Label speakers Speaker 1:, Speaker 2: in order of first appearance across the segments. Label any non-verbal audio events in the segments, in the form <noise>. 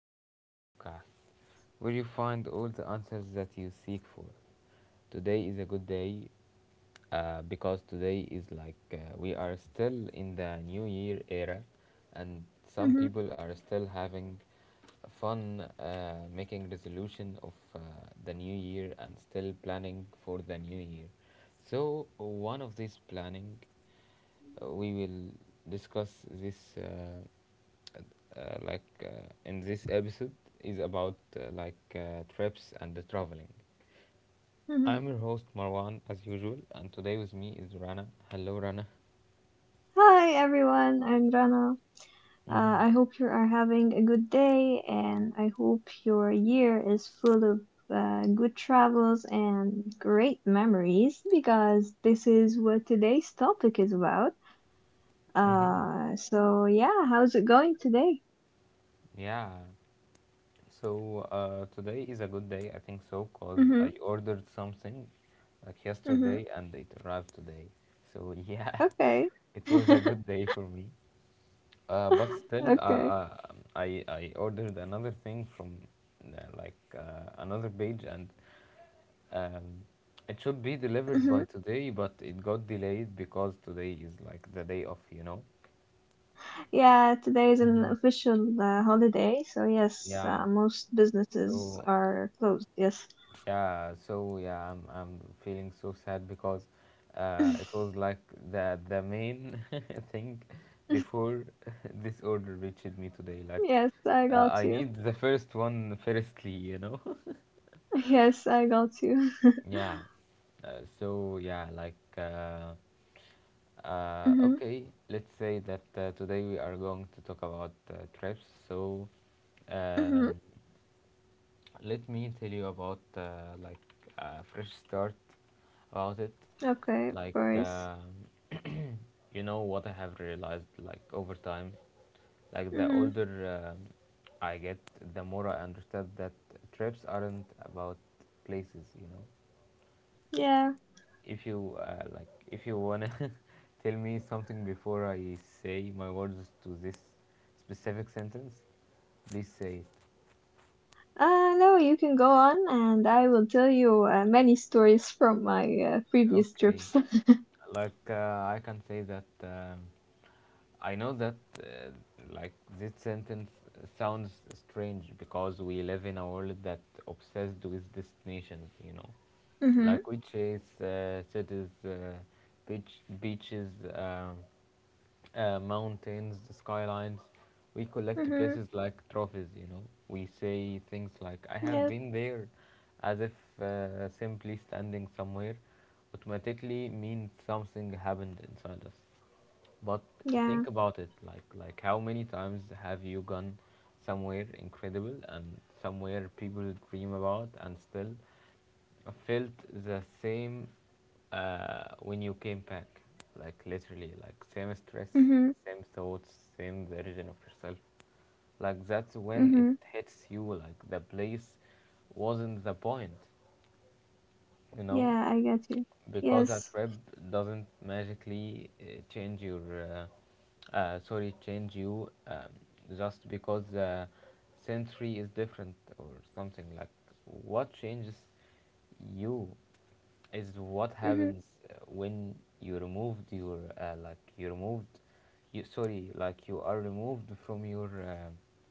Speaker 1: favorite podcast where you find all the answers that you seek for. Today is a good day because today is like we are still in the new year era, and some
Speaker 2: Mhm,
Speaker 1: people are still having fun making resolution of the new year and still planning for the new year. So, one of this planning, we will discuss this. In this episode is about trips and the traveling.
Speaker 2: mhm.
Speaker 1: I'm your host Marwan as usual, and today with me is Rana. Hello, Rana.
Speaker 2: Hi everyone, I'm Rana. Uh,
Speaker 1: Mhm.
Speaker 2: I hope you are having a good day and I hope your year is full of good travels and great memories because this is what today's topic is about.
Speaker 1: Mhm.
Speaker 2: So yeah, how's it going today?
Speaker 1: Yeah. So today is a good day, I think so, cause
Speaker 2: Mm-hmm,
Speaker 1: I ordered something like
Speaker 2: mm-hmm.
Speaker 1: yesterday and it arrived today. So yeah,
Speaker 2: Okay.
Speaker 1: <laughs> it was a
Speaker 2: <laughs>
Speaker 1: good day for me. Uh, but still, uh,
Speaker 2: Okay.
Speaker 1: uh, I ordered another thing from another page, and Um, it should be delivered by
Speaker 2: Mhm.
Speaker 1: today, but it got delayed because today is like the day off, you know?
Speaker 2: Yeah, today is an
Speaker 1: Mm-hmm.
Speaker 2: official holiday, so yes,
Speaker 1: Yeah.
Speaker 2: most businesses
Speaker 1: So,
Speaker 2: are closed. Yes.
Speaker 1: yeah. So yeah, I'm feeling so sad because it
Speaker 2: <laughs>
Speaker 1: was like the main <laughs> thing before <laughs> this order reached me today. Like
Speaker 2: Yes, I got
Speaker 1: I
Speaker 2: you.
Speaker 1: need the
Speaker 2: <laughs>
Speaker 1: first one firstly. <laughs>
Speaker 2: Yes, I got you.
Speaker 1: Yeah. Uh, so yeah, like uh,
Speaker 2: <laughs>
Speaker 1: uh,
Speaker 2: Mhm.
Speaker 1: okay, let's say that today we are going to talk about trips. So
Speaker 2: Mhm.
Speaker 1: um, let me tell you about a fresh start about it.
Speaker 2: Okay, of
Speaker 1: Like
Speaker 2: course.
Speaker 1: you know what I have realized, like over time, like the
Speaker 2: Mhm.
Speaker 1: older I get, the more I understand that trips aren't about places. You know,
Speaker 2: Yeah.
Speaker 1: if you like, if you wanna <laughs> tell me something before I say my words to this specific sentence, please say it.
Speaker 2: No, you can go on and I will tell you many stories from my previous
Speaker 1: Okay,
Speaker 2: trips. <laughs>
Speaker 1: like I can say that I know that uh, like this sentence sounds strange, because we live in a world that obsessed with destinations, you know. Like
Speaker 2: Mhm.
Speaker 1: we chase cities, beaches, mountains, the skylines. We collect
Speaker 2: Mhm.
Speaker 1: places like trophies, you know. We say things like, I have
Speaker 2: Yes.
Speaker 1: been there, as if simply standing somewhere automatically means something happened inside us. But
Speaker 2: Yeah.
Speaker 1: think about it, like how many times have you gone somewhere incredible and somewhere people dream about and still felt the same when you came back, like literally, like same stress,
Speaker 2: Mhm.
Speaker 1: same thoughts, same version of yourself. Like that's when it
Speaker 2: Mhm.
Speaker 1: hits you, like the place wasn't the point, you know,
Speaker 2: Yeah, I got you.
Speaker 1: because that
Speaker 2: Yes.
Speaker 1: rep doesn't magically change your, change you, just because the century is different or something like. What changes you is what
Speaker 2: Mhm.
Speaker 1: happens when you removed your you are removed from your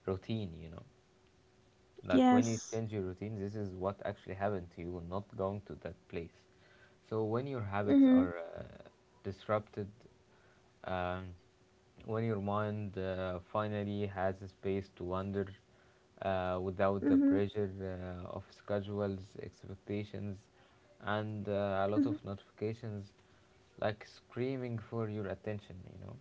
Speaker 1: routine, you know, like when you
Speaker 2: Yes.
Speaker 1: change your routine, this is what actually happened to you, not going to that place. So when your habits
Speaker 2: Mhm.
Speaker 1: are disrupted, um, when your mind finally has a space to wander without the
Speaker 2: Mhm.
Speaker 1: pressure of schedules, expectations, and a lot
Speaker 2: Mhm.
Speaker 1: of notifications, like screaming for your attention, you know.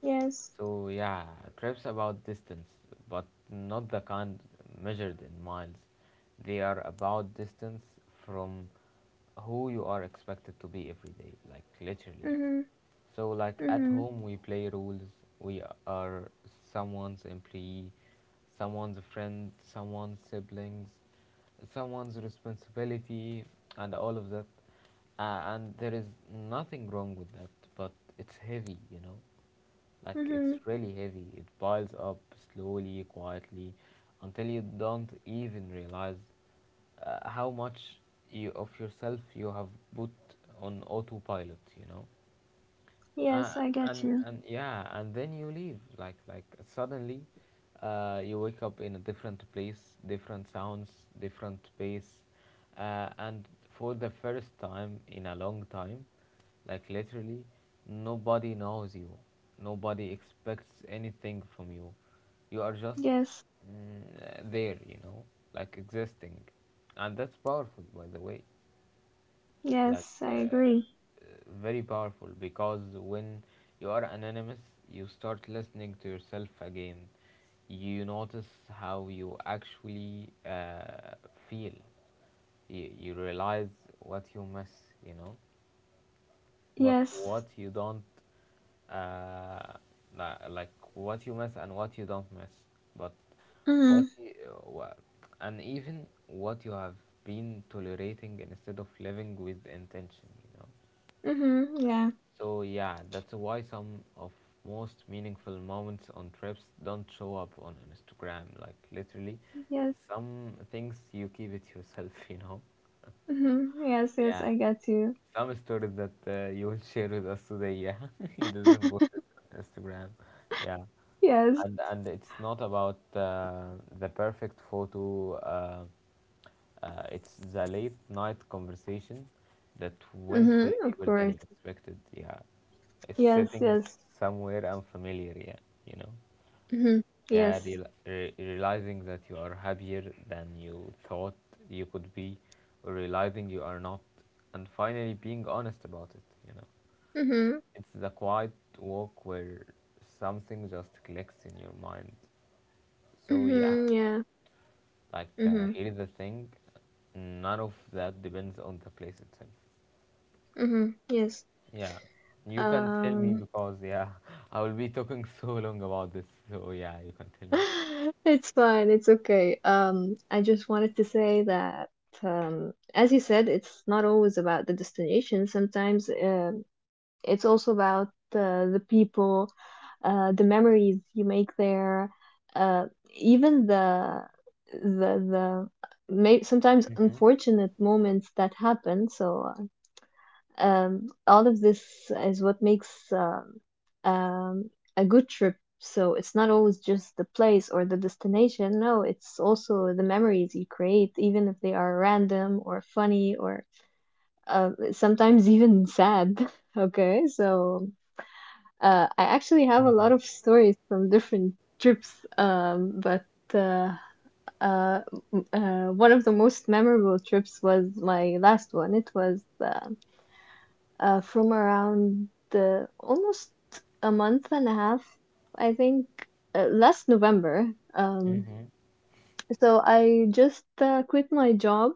Speaker 2: Yes.
Speaker 1: So yeah, trips about distance, but not the kind measured in miles. They are about distance from who you are expected to be every day, like literally.
Speaker 2: Mhm.
Speaker 1: So like at
Speaker 2: Mhm.
Speaker 1: home we play rules. We are someone's employee, someone's friend, someone's siblings, someone's responsibility, and all of that. And there is nothing wrong with that, but it's heavy, you know. Like
Speaker 2: Mhm.
Speaker 1: it's really heavy. It piles up slowly, quietly, until you don't even realize how much of yourself you have put on autopilot, you know. uh,
Speaker 2: Yes, I got
Speaker 1: and
Speaker 2: you.
Speaker 1: and yeah, and then you leave, like suddenly you wake up in a different place, different sounds, different pace, and for the first time in a long time, like literally, nobody knows you, nobody expects anything from you, you are just
Speaker 2: Yes.
Speaker 1: there, you know, like existing. And that's powerful, by the way, like
Speaker 2: Yes, I agree.
Speaker 1: very powerful, because when you are anonymous you start listening to yourself again. You notice how you actually feel, you realize what you miss, you know, but
Speaker 2: Yes,
Speaker 1: what you don't. uh, like what you miss and what you don't miss, but what
Speaker 2: Mhm.
Speaker 1: you, wha- and even what you have been tolerating instead of living with intention, you know.
Speaker 2: Mhm. Yeah.
Speaker 1: So yeah, that's why some of most meaningful moments on trips don't show up on Instagram, like literally.
Speaker 2: Yes.
Speaker 1: Some things you keep it yourself, <laughs> you know.
Speaker 2: Mhm. Yes. Yes.
Speaker 1: Yeah,
Speaker 2: I get you.
Speaker 1: some stories that you will share with us today. Yeah, <laughs> it isn't
Speaker 2: <laughs>
Speaker 1: posted on Instagram. Yeah,
Speaker 2: Yes.
Speaker 1: and it's not about the perfect photo. It's the late night conversation that went
Speaker 2: Mhm.
Speaker 1: way
Speaker 2: Of
Speaker 1: deeper than
Speaker 2: course.
Speaker 1: you expected. Yeah, it's
Speaker 2: Yes.
Speaker 1: sitting
Speaker 2: Yes.
Speaker 1: somewhere unfamiliar. Yeah, you know.
Speaker 2: Mhm.
Speaker 1: Yeah,
Speaker 2: Yes.
Speaker 1: realizing that you are happier than you thought you could be, or realizing you are not, and finally being honest about it, you know.
Speaker 2: Mhm.
Speaker 1: It's the quiet walk where something just clicks in your mind. So, yeah,
Speaker 2: Mhm. Yeah.
Speaker 1: like,
Speaker 2: Mhm.
Speaker 1: here's the thing, none of that depends on the place itself.
Speaker 2: Mhm. Yes.
Speaker 1: Yeah, you can tell me,
Speaker 2: Um.
Speaker 1: because, yeah, <laughs> I will be talking <laughs> so long about this, so yeah, you can tell me.
Speaker 2: <laughs> It's fine. It's okay. I just wanted to say that, as you said, it's not always about the destination. Sometimes, it's also about the people, the memories you make there, uh, even the may sometimes
Speaker 1: Mm-hmm.
Speaker 2: unfortunate moments that happen. So all of this is what makes um, a good trip. So it's not always just the place or the destination. No, it's also the memories you create, even if they are random or funny or sometimes even sad. <laughs> Okay, so I actually have a lot of stories from different trips, but uh, uh, one of the most memorable trips was my last one. It was from around the almost a month and a half, I think, last November. Um,
Speaker 1: Mm-hmm.
Speaker 2: so I just quit my job.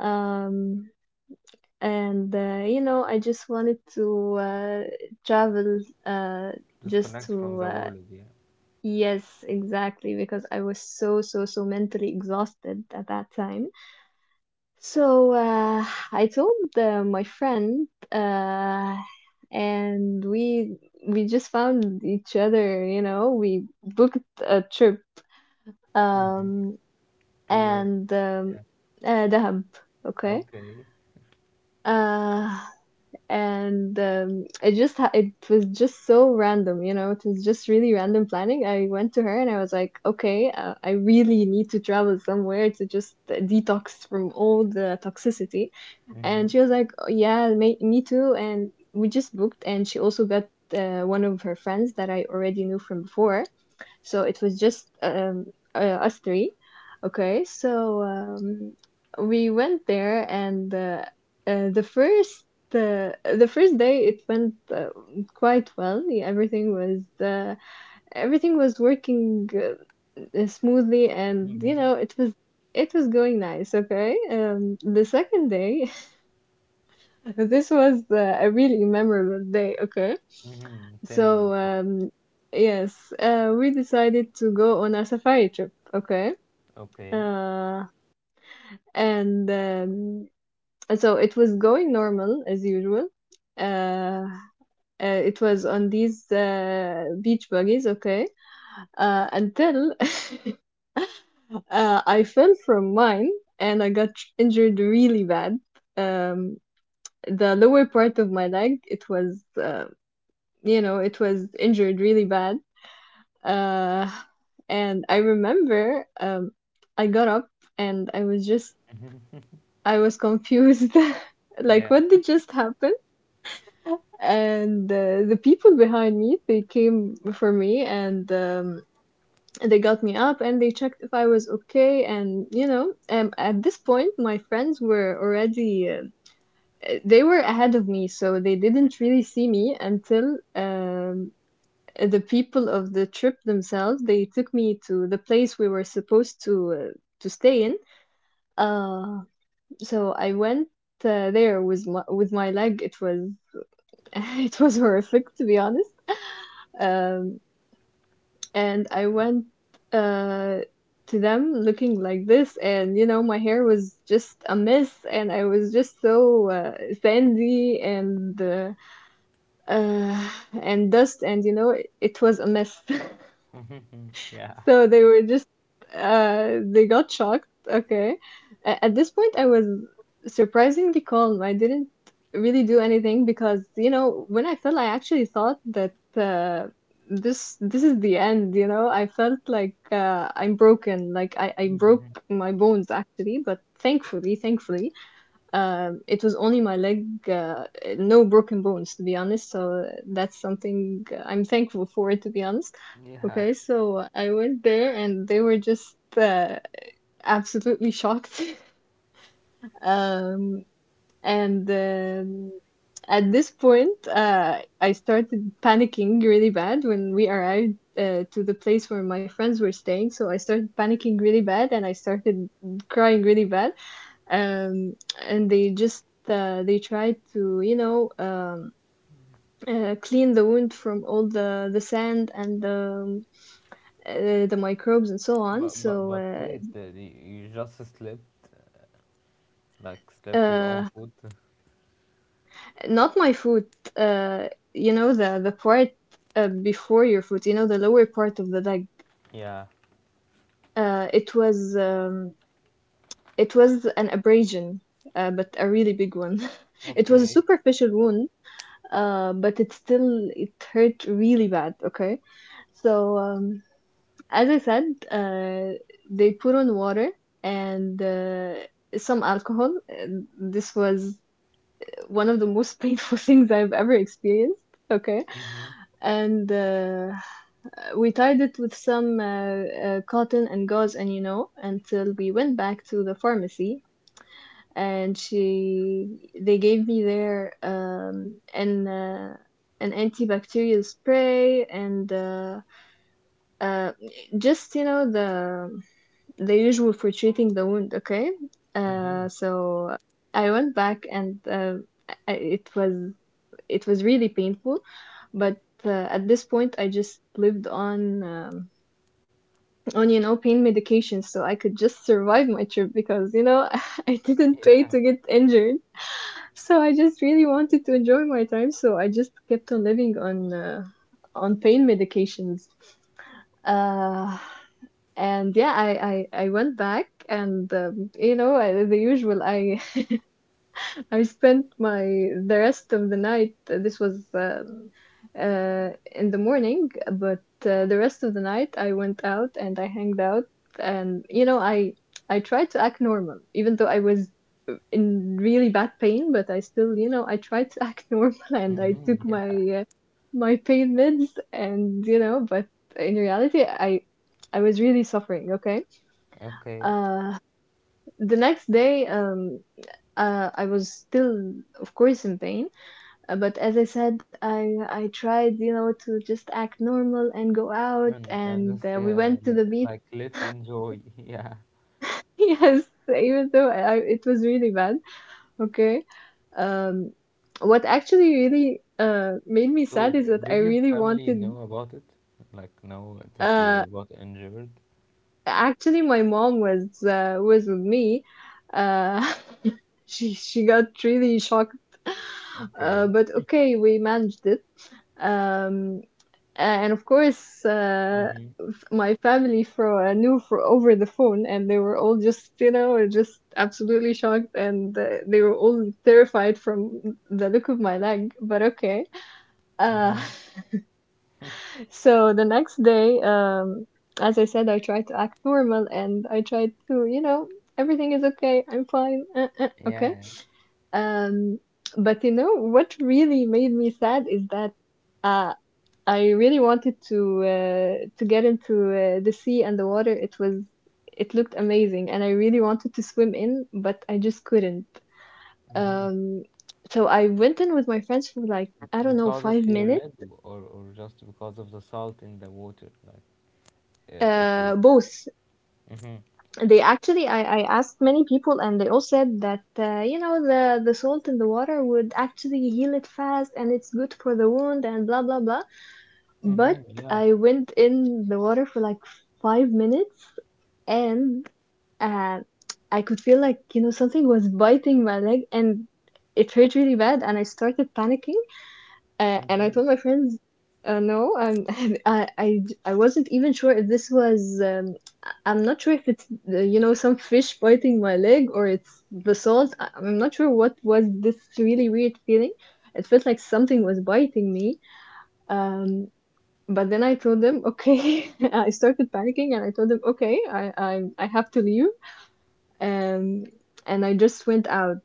Speaker 2: Um, and I just wanted to travel just
Speaker 1: Disconnect from
Speaker 2: to
Speaker 1: the world, yeah.
Speaker 2: yes, exactly, because I was so so so mentally exhausted at that time. So I told my friend, and we just found each other. You know, we booked a trip,
Speaker 1: Mm-hmm.
Speaker 2: um,
Speaker 1: To where,
Speaker 2: and
Speaker 1: yeah.
Speaker 2: Dahab, okay,
Speaker 1: Okay.
Speaker 2: uh, and it was just so random. You know, it was just really random planning. I went to her and I was like, okay, I really need to travel somewhere to just detox from all the toxicity.
Speaker 1: Mm-hmm.
Speaker 2: And she was like, "Oh, yeah, me too." And we just booked, and she also got one of her friends that I already knew from before. So it was just uh, us three. Okay, so we went there, and uh, the first the first day it went quite well. Yeah, everything was working smoothly, and
Speaker 1: Mm-hmm.
Speaker 2: it was going nice. Okay, the second day. <laughs> This was a really memorable day, okay?
Speaker 1: Mm-hmm. Tell me
Speaker 2: So,
Speaker 1: about.
Speaker 2: yes, we decided to go on a safari trip, okay?
Speaker 1: Okay.
Speaker 2: Uh, and so it was going normal as usual. Uh, it was on these beach buggies, okay? Until <laughs> I fell from mine and I got injured really bad. Um, the lower part of my leg, it was injured really bad. Uh, and I remember I got up and I was confused. <laughs> Like,
Speaker 1: Yeah.
Speaker 2: what did just happen? And the people behind me, they came for me and they got me up and they checked if I was okay. And, at this point, my friends were already, they were ahead of me. So they didn't really see me until the people of the trip themselves, they took me to the place we were supposed to to stay in. uh so I went there with my leg. It was <laughs> it was horrific, to be honest. um and I went uh to them looking like this. And my hair was just a mess and I was just so sandy uh and dust. And it was a mess. <laughs>
Speaker 1: <laughs> Yeah.
Speaker 2: So they were just they got shocked. Okay. At this point I was surprisingly calm. I didn't really do anything because, when I fell I actually thought that this is the end. I felt like I'm broken, like I broke
Speaker 1: Mm-hmm.
Speaker 2: my bones actually, but thankfully, it was only my leg, no broken bones, to be honest. So that's something I'm thankful for, to be honest.
Speaker 1: Yeah.
Speaker 2: Okay, so I went there and they were just absolutely shocked. <laughs> Um, and at this point, I started panicking really bad when we arrived to the place where my friends were staying. So I started panicking really bad and I started crying really bad, um, and they just they tried to clean the wound from all the sand and the microbes and so on.
Speaker 1: But but
Speaker 2: So
Speaker 1: but wait, you just slept, like slept your own
Speaker 2: uh,
Speaker 1: foot.
Speaker 2: not my foot. Uh, you know the part before your foot. You know the lower part of the leg.
Speaker 1: Yeah.
Speaker 2: Uh, it was um, it was an abrasion, but a really big one. <laughs> It was a
Speaker 1: Okay.
Speaker 2: superficial wound, but it still it hurt really bad. Okay, so. Um, As I said, they put on water and some alcohol. And this was one of the most painful <laughs> things I've ever experienced. Okay.
Speaker 1: Mhm.
Speaker 2: And we tied it with some cotton and gauze and until we went back to the pharmacy, and she they gave me their an antibacterial spray and uh just the usual for treating the wound, okay?
Speaker 1: Mhm.
Speaker 2: So I went back and I- it was it was really painful, but at this point I just lived on pain medication, so I could just survive my trip because <laughs> I didn't pay
Speaker 1: Yeah.
Speaker 2: to get injured, so I just really wanted to enjoy my time, so I just kept on living on pain medications. Uh, and yeah, I went back and you know I, the usual I <laughs> I spent my the rest of the night. This was in the morning, but the rest of the night I went out and I hanged out, and I tried to act normal even though I was in really bad pain, but I still I tried to act <laughs> normal, and I took
Speaker 1: Mhm.
Speaker 2: my
Speaker 1: Yeah.
Speaker 2: uh, my pain meds, and but in reality I was really suffering, okay.
Speaker 1: Okay.
Speaker 2: uh, the next day, I was still, of course, in pain. But as I said, I tried, to just act normal and go out,
Speaker 1: And
Speaker 2: and
Speaker 1: just
Speaker 2: we
Speaker 1: yeah,
Speaker 2: went to the beach.
Speaker 1: like, let's enjoy. <laughs> Yeah.
Speaker 2: <laughs> Yes, even though it was really bad. Okay. Um, what actually really made me
Speaker 1: So,
Speaker 2: sad is that I
Speaker 1: did your
Speaker 2: really
Speaker 1: family
Speaker 2: wanted.
Speaker 1: know about it? Like, know that
Speaker 2: uh
Speaker 1: you got injured?
Speaker 2: Actually, my mom was with me. Uh, <laughs> she got really shocked,
Speaker 1: Okay.
Speaker 2: but okay, we managed it. Um, and of course,
Speaker 1: Mm-hmm.
Speaker 2: my family for knew for over the phone, and they were all just just absolutely shocked, and they were all terrified from the look of my leg. But okay. Uh,
Speaker 1: Mm-hmm.
Speaker 2: <laughs> So the next day, as I said, I tried to act normal and I tried to, everything is okay, I'm fine, okay.
Speaker 1: Yeah.
Speaker 2: Um, but you know what really made me sad is that uh, I really wanted to to get into the sea and the water. It looked amazing, and I really wanted to swim in, but I just couldn't.
Speaker 1: Mm-hmm.
Speaker 2: Um, so I went in with my friends for like, I don't know,
Speaker 1: Because of
Speaker 2: five
Speaker 1: your
Speaker 2: minutes.
Speaker 1: lead, or just because of the salt in the water, like it would.
Speaker 2: Both,
Speaker 1: Mm-hmm.
Speaker 2: they actually I asked many people and they all said that the salt in the water would actually heal it fast and it's good for the wound and blah blah blah, but
Speaker 1: Mm-hmm. Yeah.
Speaker 2: I went in the water for like 5 minutes, and uh, I could feel like something was biting my leg, and it hurt really bad, and I started panicking. And I
Speaker 1: Mm-hmm.
Speaker 2: told my friends, no, <laughs> I, I, I wasn't even sure if this was, I'm not sure if it's, some fish biting my leg or it's the salt. I'm not sure what was this really weird feeling. It felt like something was biting me. Um, but then I told them, okay, <laughs> I started panicking and I told them, okay, I have to leave um, and I just went out.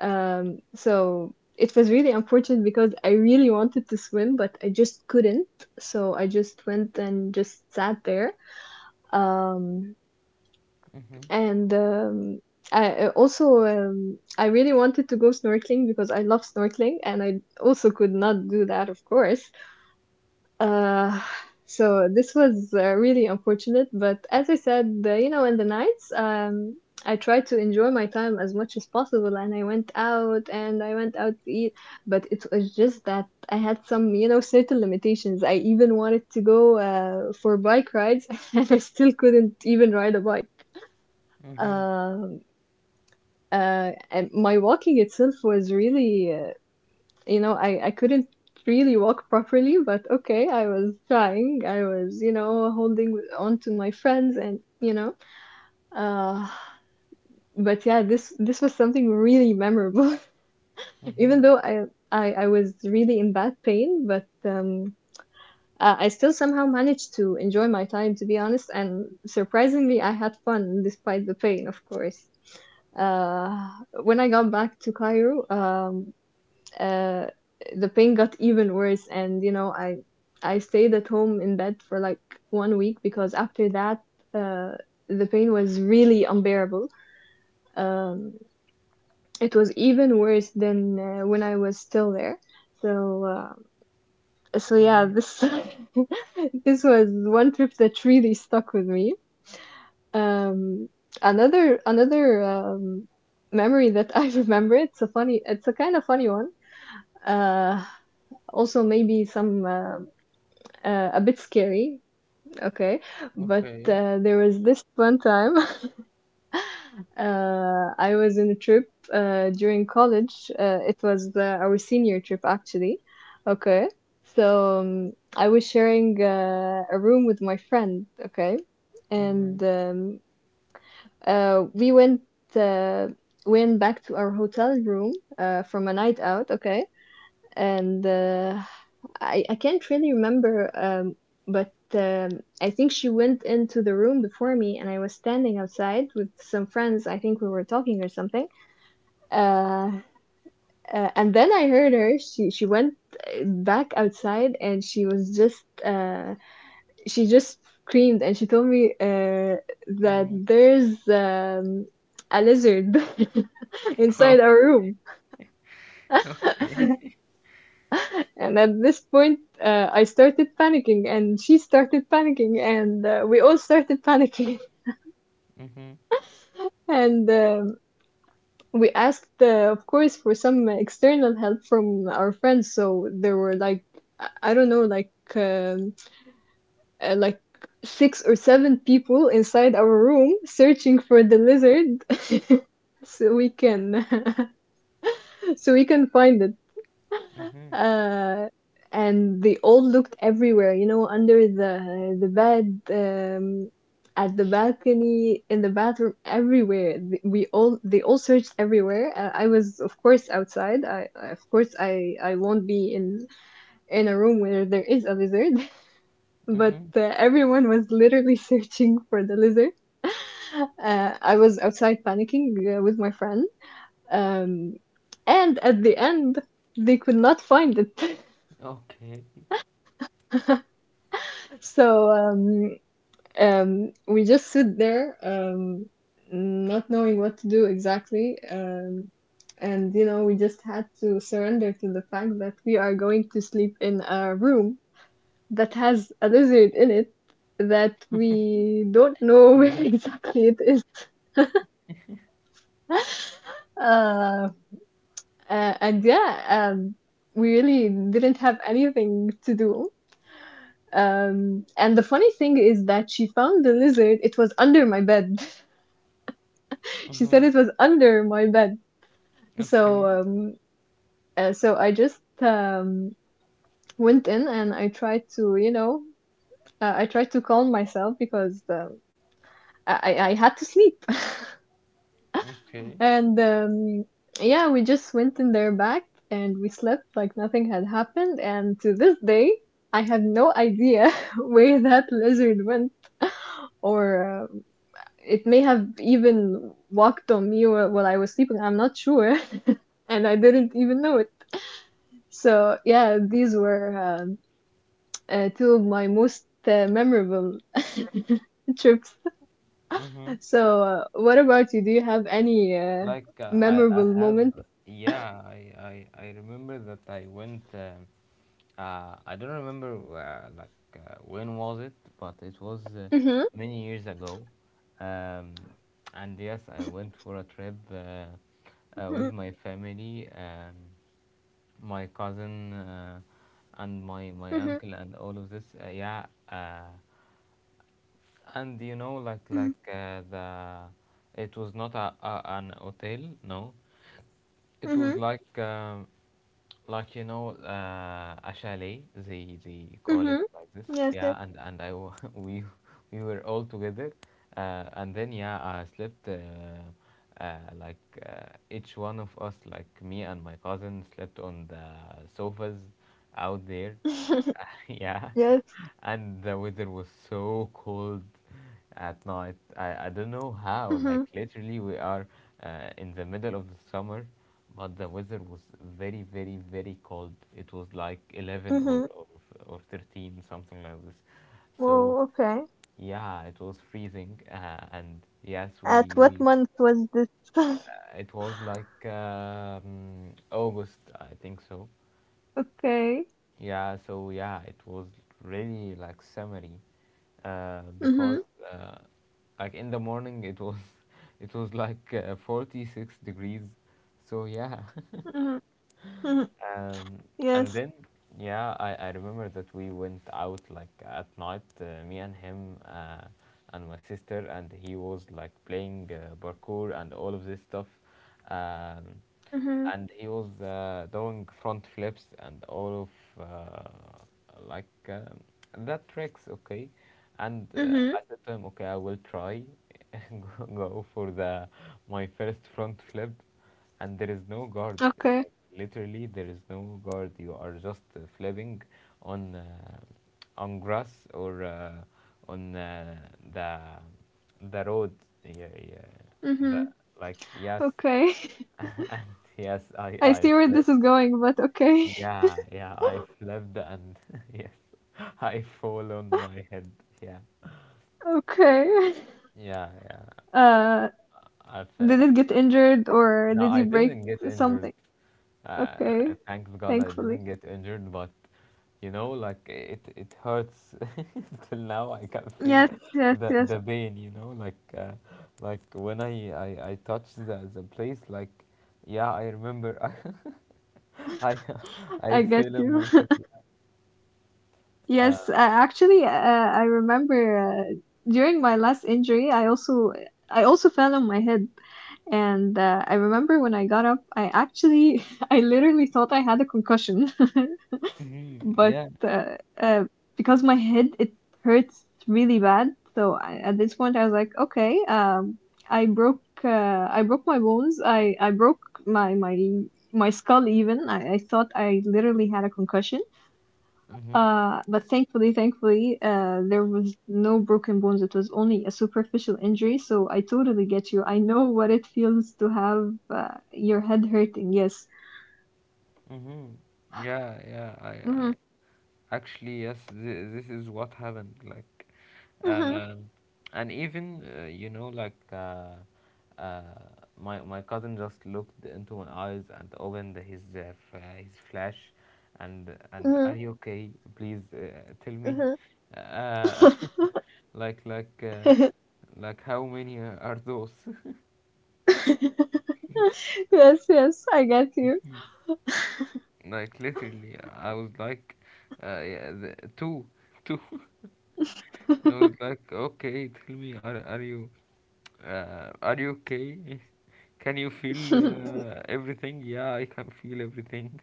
Speaker 2: So it was really unfortunate because I really wanted to swim, but I just couldn't. So I just went and just sat there. Um,
Speaker 1: Mm-hmm.
Speaker 2: and I also I really wanted to go snorkeling because I love snorkeling, and I also could not do that, of course. Uh, so this was really unfortunate, but as I said, in the nights, I tried to enjoy my time as much as possible, and I went out and I went out to eat, but it was just that I had some, you know, certain limitations. I even wanted to go for bike rides, <laughs> and I still couldn't even ride a bike.
Speaker 1: Mm-hmm.
Speaker 2: Um, and my walking itself was really I couldn't really walk properly, but okay, I was trying. I was, you know, holding on to my friends and, you know, uh, but yeah, this was something really memorable. <laughs>
Speaker 1: Mm-hmm.
Speaker 2: Even though I, I was really in bad pain, but I still somehow managed to enjoy my time, to be honest. And surprisingly, I had fun despite the pain, of course. Uh, when I got back to Cairo, uh, the pain got <laughs> even worse. And you know, I stayed at home in bed for like 1 week, because after that uh, the pain was really unbearable. Um, it was even worse than when I was still there. So uh, so yeah, this <laughs> this was one trip that really stuck with me. Um, another another um, memory that <laughs> I remember, it's a funny, it's a kind of funny one. Uh, also maybe some a bit scary, okay. But
Speaker 1: Okay.
Speaker 2: there was this one time. <laughs> I was in a trip during college. It was our senior trip, actually, okay. So I was sharing a room with my friend, okay,
Speaker 1: Mm-hmm.
Speaker 2: and we uh, went back to our hotel room from a night out, okay, and I can't really remember. But I think she went into the room before me, and I was standing outside with some friends. I think we were talking or something. Uh, and then I heard her. She went back outside, and she was just she just screamed, and she told me that
Speaker 1: Mm-hmm.
Speaker 2: there's a lizard <laughs> inside our
Speaker 1: <laughs>
Speaker 2: room.
Speaker 1: Okay.
Speaker 2: <laughs> And at this point, I started panicking, and she started panicking, and we all started panicking. <laughs>
Speaker 1: Okay.
Speaker 2: And We asked, of course, for some external help from our friends. So there were like, I don't know, like six or seven people inside our room searching for the lizard, <laughs> so we can, <laughs> so we can find it.
Speaker 1: Mm-hmm. Mm-hmm.
Speaker 2: Uh, and they all looked everywhere, you know, under the bed, at the balcony, in the bathroom, everywhere. Th- We all they all searched everywhere. I was, of course, outside. Of course I won't be in a room where there is a lizard, <laughs> but
Speaker 1: Mm-hmm.
Speaker 2: everyone was literally <laughs> searching for the lizard. <laughs> I was outside panicking with my friend. Um, and at the end, they could not find it. <laughs>
Speaker 1: Okay.
Speaker 2: So we just sit there, not knowing what to do exactly. And you know, we just had to surrender to the fact that we are going to sleep in a room that has a lizard in it that we don't know <laughs> where
Speaker 1: Yeah.
Speaker 2: exactly it is. <laughs> uh, and yeah, we really didn't have anything to do. And the funny thing is that she found the lizard. It was under my bed. <laughs> She said
Speaker 1: Mm-hmm.
Speaker 2: it was under my bed. So,
Speaker 1: Okay.
Speaker 2: um, so I just went in and I tried to, you know, I tried to calm myself because I had to sleep.
Speaker 1: Okay.
Speaker 2: <laughs> And Yeah, we just went in there back and we slept like nothing had happened. And to this day, I have no idea <laughs> where that lizard went, or it may have even walked on me while I was sleeping. I'm not sure. <laughs> And I didn't even know it. So, yeah, these were two of my most memorable <laughs> trips.
Speaker 1: Mm-hmm.
Speaker 2: So, what about you? Do you have any
Speaker 1: Like I
Speaker 2: memorable
Speaker 1: have,
Speaker 2: moment?
Speaker 1: yeah, I remember that I went. I don't remember when was it, but it was
Speaker 2: Mm-hmm,
Speaker 1: many years ago. Um, and yes, I went for a trip with
Speaker 2: mm-hmm,
Speaker 1: my family, my cousin, and my
Speaker 2: mm-hmm,
Speaker 1: uncle, and all of this. Yeah. And you know, like the it was not a, an hotel, no, it was
Speaker 2: mm-hmm,
Speaker 1: like like, you know, a chalet. They call it
Speaker 2: mm-hmm.
Speaker 1: like this.
Speaker 2: Yes, yes.
Speaker 1: Yeah, and <laughs> we were all together, and then yeah, I slept. Uh, like each one of us, like me and my cousin, slept on the sofas out there.
Speaker 2: <laughs>
Speaker 1: <laughs> Yeah,
Speaker 2: Yes.
Speaker 1: and the weather was so cold at night. I don't know how, like,
Speaker 2: Mm-hmm,
Speaker 1: literally, we are in the middle of the summer, but the weather was very, very, very cold. It was like 11 or,
Speaker 2: mm-hmm.
Speaker 1: or 13, something like this. So,
Speaker 2: Whoa, okay.
Speaker 1: yeah, it was freezing, and yes,
Speaker 2: At what
Speaker 1: we
Speaker 2: month was this? <laughs>
Speaker 1: it was like August, I think so.
Speaker 2: Okay.
Speaker 1: Yeah, so yeah, it was really like summery,
Speaker 2: Mm-hmm,
Speaker 1: because uh, like in the morning it was <laughs> it was like 46 degrees, so yeah. <laughs>
Speaker 2: mm-hmm,
Speaker 1: Um, and
Speaker 2: Yes.
Speaker 1: then, yeah, I remember that we went out like at night, me and him and my sister, and he was like playing parkour and all of this stuff. Um,
Speaker 2: Mhm.
Speaker 1: and he was doing front flips and all of like um, that tricks, okay. And
Speaker 2: Mhm.
Speaker 1: I said to him, okay, I will try <laughs> go for the my first front flip, and there is no guard,
Speaker 2: Okay.
Speaker 1: like literally, there is no guard. You are just flipping on uh, on grass or on the the road. Yeah, yeah.
Speaker 2: Mhm.
Speaker 1: Like, yes,
Speaker 2: Okay. <laughs>
Speaker 1: <laughs> and yes, I
Speaker 2: I
Speaker 1: I
Speaker 2: see where
Speaker 1: flip.
Speaker 2: this is going, but okay. <laughs>
Speaker 1: Yeah, yeah, I flipped and <laughs> yes, <laughs> I fall on my head. Yeah,
Speaker 2: Okay. <laughs>
Speaker 1: yeah, yeah.
Speaker 2: Uh,
Speaker 1: I fe-
Speaker 2: did it get
Speaker 1: like,
Speaker 2: injured or
Speaker 1: no,
Speaker 2: did he
Speaker 1: I
Speaker 2: break
Speaker 1: didn't get injured.
Speaker 2: something?
Speaker 1: Uh,
Speaker 2: Okay.
Speaker 1: Thanks God I
Speaker 2: Thankfully.
Speaker 1: didn't get injured, but you know, like, it hurts <laughs> till now. I can feel
Speaker 2: Yes. Yes.
Speaker 1: the
Speaker 2: Yes.
Speaker 1: the pain. You know, like when I touch the place, like yeah, I remember. <laughs> I I
Speaker 2: I get
Speaker 1: fell on
Speaker 2: you.
Speaker 1: my head.
Speaker 2: <laughs> Yes. Actually, I remember during my last injury, I also fell on my head, and I remember when I got up, I actually <laughs> I literally thought I had a concussion.
Speaker 1: Hmm.
Speaker 2: <laughs> but
Speaker 1: Yeah.
Speaker 2: uh, uh, because my head it hurts really bad, so I, at this point I was like, okay, I broke uh, I broke my bones. I broke my my my skull even. I thought I literally had a concussion.
Speaker 1: Hmm.
Speaker 2: But thankfully, thankfully, there was no broken bones. It was only a superficial injury. So I totally get you. I know what it feels to have your head hurting. Yes.
Speaker 1: Hmm. Yeah. Yeah. I
Speaker 2: hmm
Speaker 1: actually, yes. This is what happened. Like.
Speaker 2: hmm
Speaker 1: Um, and even you know, like uh, my cousin just looked into my eyes and opened his his flash, and are you okay? Please tell me,
Speaker 2: hmm
Speaker 1: uh, <laughs>
Speaker 2: hmm
Speaker 1: like like uh,
Speaker 2: <laughs>
Speaker 1: like, how many are those?
Speaker 2: <laughs> Yes, yes, I get you.
Speaker 1: <laughs> Like literally, I was like, yeah, the, two, <laughs> two. I was like, okay, tell me, are you? Are you okay? Can you feel
Speaker 2: <laughs>
Speaker 1: everything? Yeah, I can feel everything.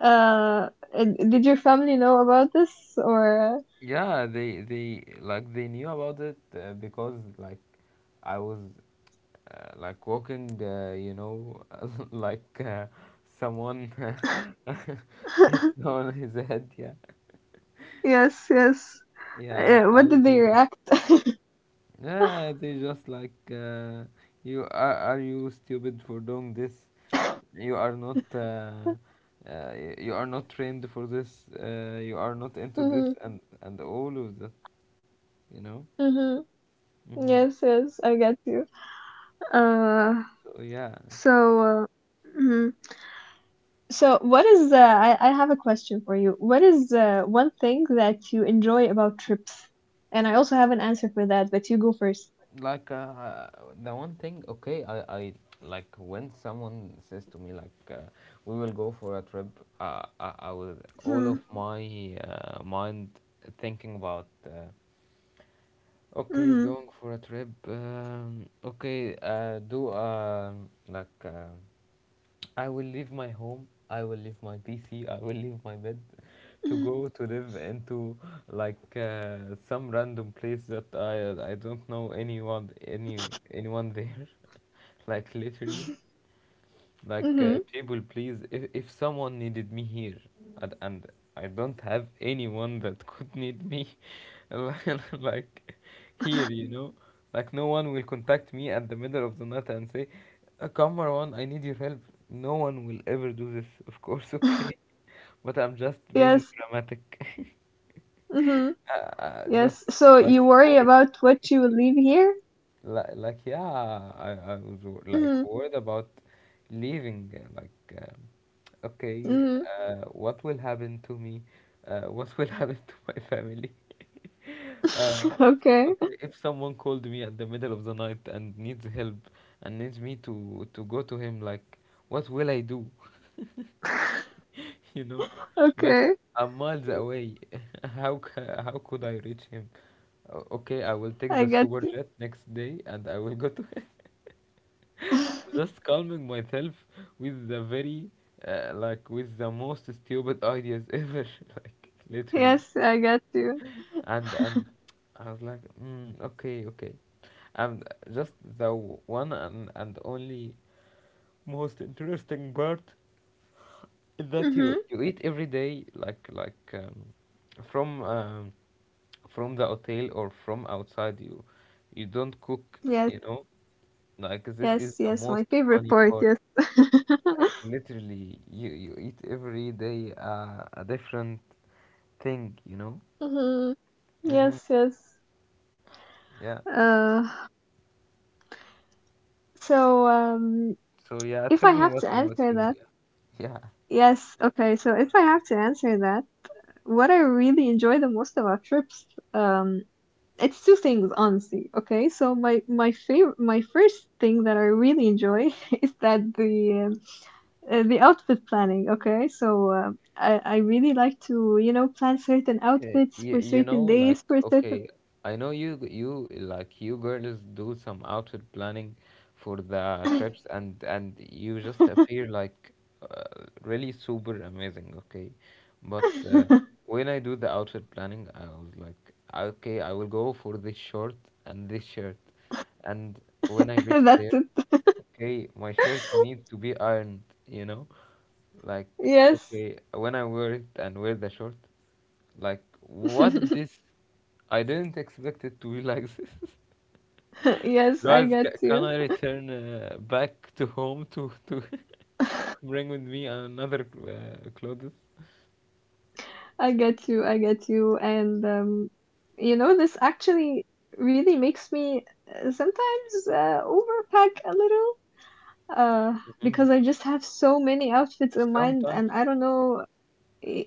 Speaker 2: And did your family know about this or?
Speaker 1: Yeah, they knew about it, because like I was, like walking, <laughs> like someone <laughs> hit
Speaker 2: <laughs>
Speaker 1: on his head. Yeah,
Speaker 2: Yes, yes.
Speaker 1: yeah,
Speaker 2: Uh,
Speaker 1: I
Speaker 2: what
Speaker 1: was
Speaker 2: did they
Speaker 1: moving.
Speaker 2: react? <laughs>
Speaker 1: Yeah, they just like, you are. Are you stupid for doing this? You are not. You are not trained for this. You are not into this,
Speaker 2: Mm-hmm,
Speaker 1: and all of that. You know.
Speaker 2: mm-hmm.
Speaker 1: Hmm.
Speaker 2: Yes, yes, I get you. Uh,
Speaker 1: So yeah.
Speaker 2: so, mhm. So what is I have a question for you. What is one thing that you enjoy about trips? And I also have an answer for that, but you go first.
Speaker 1: Like, the one thing, okay, I like when someone says to me, like, we will go for a trip, I will, all of my, mind thinking about, okay,
Speaker 2: Mm-hmm.
Speaker 1: going for a trip. Okay, do, like, I will leave my home. I will leave my PC. I will leave my bed to go to live into, like, some random place that I don't know anyone, anyone there, <laughs> like, literally. Like,
Speaker 2: Mm-hmm.
Speaker 1: people please, if someone needed me here, and I don't have anyone that <laughs> could need me, <laughs> like, here, like, no one will contact me at the middle of the night and say, Come, Marwan, I need your help." No one will ever do this, of course. <laughs> Okay,
Speaker 2: <laughs>
Speaker 1: but I'm just being
Speaker 2: Yes.
Speaker 1: dramatic.
Speaker 2: Mm-hmm.
Speaker 1: <laughs> Just,
Speaker 2: Yes. So
Speaker 1: like,
Speaker 2: you worry
Speaker 1: over,
Speaker 2: about what you will leave here?
Speaker 1: like, like, yeah, I was like
Speaker 2: Mm-hmm.
Speaker 1: worried about leaving, like, okay,
Speaker 2: Mm-hmm.
Speaker 1: what will happen to me? What will <laughs> happen to my family? Uh,
Speaker 2: <laughs> Okay.
Speaker 1: okay, if someone called me at the middle of the night and needs help and needs me to go to him, like, what will I do?
Speaker 2: <laughs>
Speaker 1: <laughs> You know, like,
Speaker 2: Okay.
Speaker 1: I'm miles away. <laughs> How could I reach him? Okay, I will take
Speaker 2: I
Speaker 1: the
Speaker 2: get
Speaker 1: super
Speaker 2: you.
Speaker 1: jet next day and I will go to him. <laughs>
Speaker 2: <laughs>
Speaker 1: Just calming myself with the very, like, with the most stupid ideas <laughs> ever, like, literally.
Speaker 2: Yes, I get you.
Speaker 1: And I was like, okay, okay. And just the one and only most interesting part is that
Speaker 2: Mm-hmm.
Speaker 1: you eat every day, like, from, from the hotel or from outside. You don't cook,
Speaker 2: Yes.
Speaker 1: you know. Like, this is
Speaker 2: Yes.
Speaker 1: the
Speaker 2: Yes. My
Speaker 1: most
Speaker 2: favorite
Speaker 1: funny
Speaker 2: part.
Speaker 1: part.
Speaker 2: Yes. <laughs>
Speaker 1: Like, literally, you eat every day, a different thing.
Speaker 2: Mm-hmm.
Speaker 1: Hmm.
Speaker 2: Yes. Yes.
Speaker 1: Yeah.
Speaker 2: Uh. So,
Speaker 1: So yeah,
Speaker 2: if
Speaker 1: tell
Speaker 2: I
Speaker 1: me
Speaker 2: have
Speaker 1: what.
Speaker 2: to answer that,
Speaker 1: Yeah.
Speaker 2: yes. Okay. So if I have to answer that, what I really enjoy the most about trips, um, it's two things, honestly. Okay, so my favorite, my first thing that I really enjoy <laughs> is that the outfit planning. Okay, so I really like to, you know, plan certain
Speaker 1: Okay,
Speaker 2: outfits
Speaker 1: you,
Speaker 2: for
Speaker 1: you know,
Speaker 2: certain
Speaker 1: like,
Speaker 2: days, for certain
Speaker 1: okay, I know you girls do some outfit planning for the trips, and you just appear like, uh, really super amazing, okay? But
Speaker 2: <laughs>
Speaker 1: when I do the outfit planning, I was like, okay, I will go for this short and this shirt. And when I reach
Speaker 2: that's
Speaker 1: there,
Speaker 2: it.
Speaker 1: okay, my shirt need
Speaker 2: <laughs>
Speaker 1: to be ironed, you know? Like,
Speaker 2: Yes.
Speaker 1: okay, when I wear it and wear the short, like, what
Speaker 2: <laughs>
Speaker 1: this? I didn't expect it to be like this. <laughs>
Speaker 2: Yes, I
Speaker 1: Guys, ca
Speaker 2: get
Speaker 1: can
Speaker 2: you.
Speaker 1: I return back to home to <laughs> to
Speaker 2: <laughs>
Speaker 1: bring with me another, clothes?
Speaker 2: I get you, I get you. And You know, this actually really makes me sometimes overpack a little. Uh,
Speaker 1: Hmm.
Speaker 2: because I just have so many outfits in mind, and
Speaker 1: Sometimes,
Speaker 2: I don't know,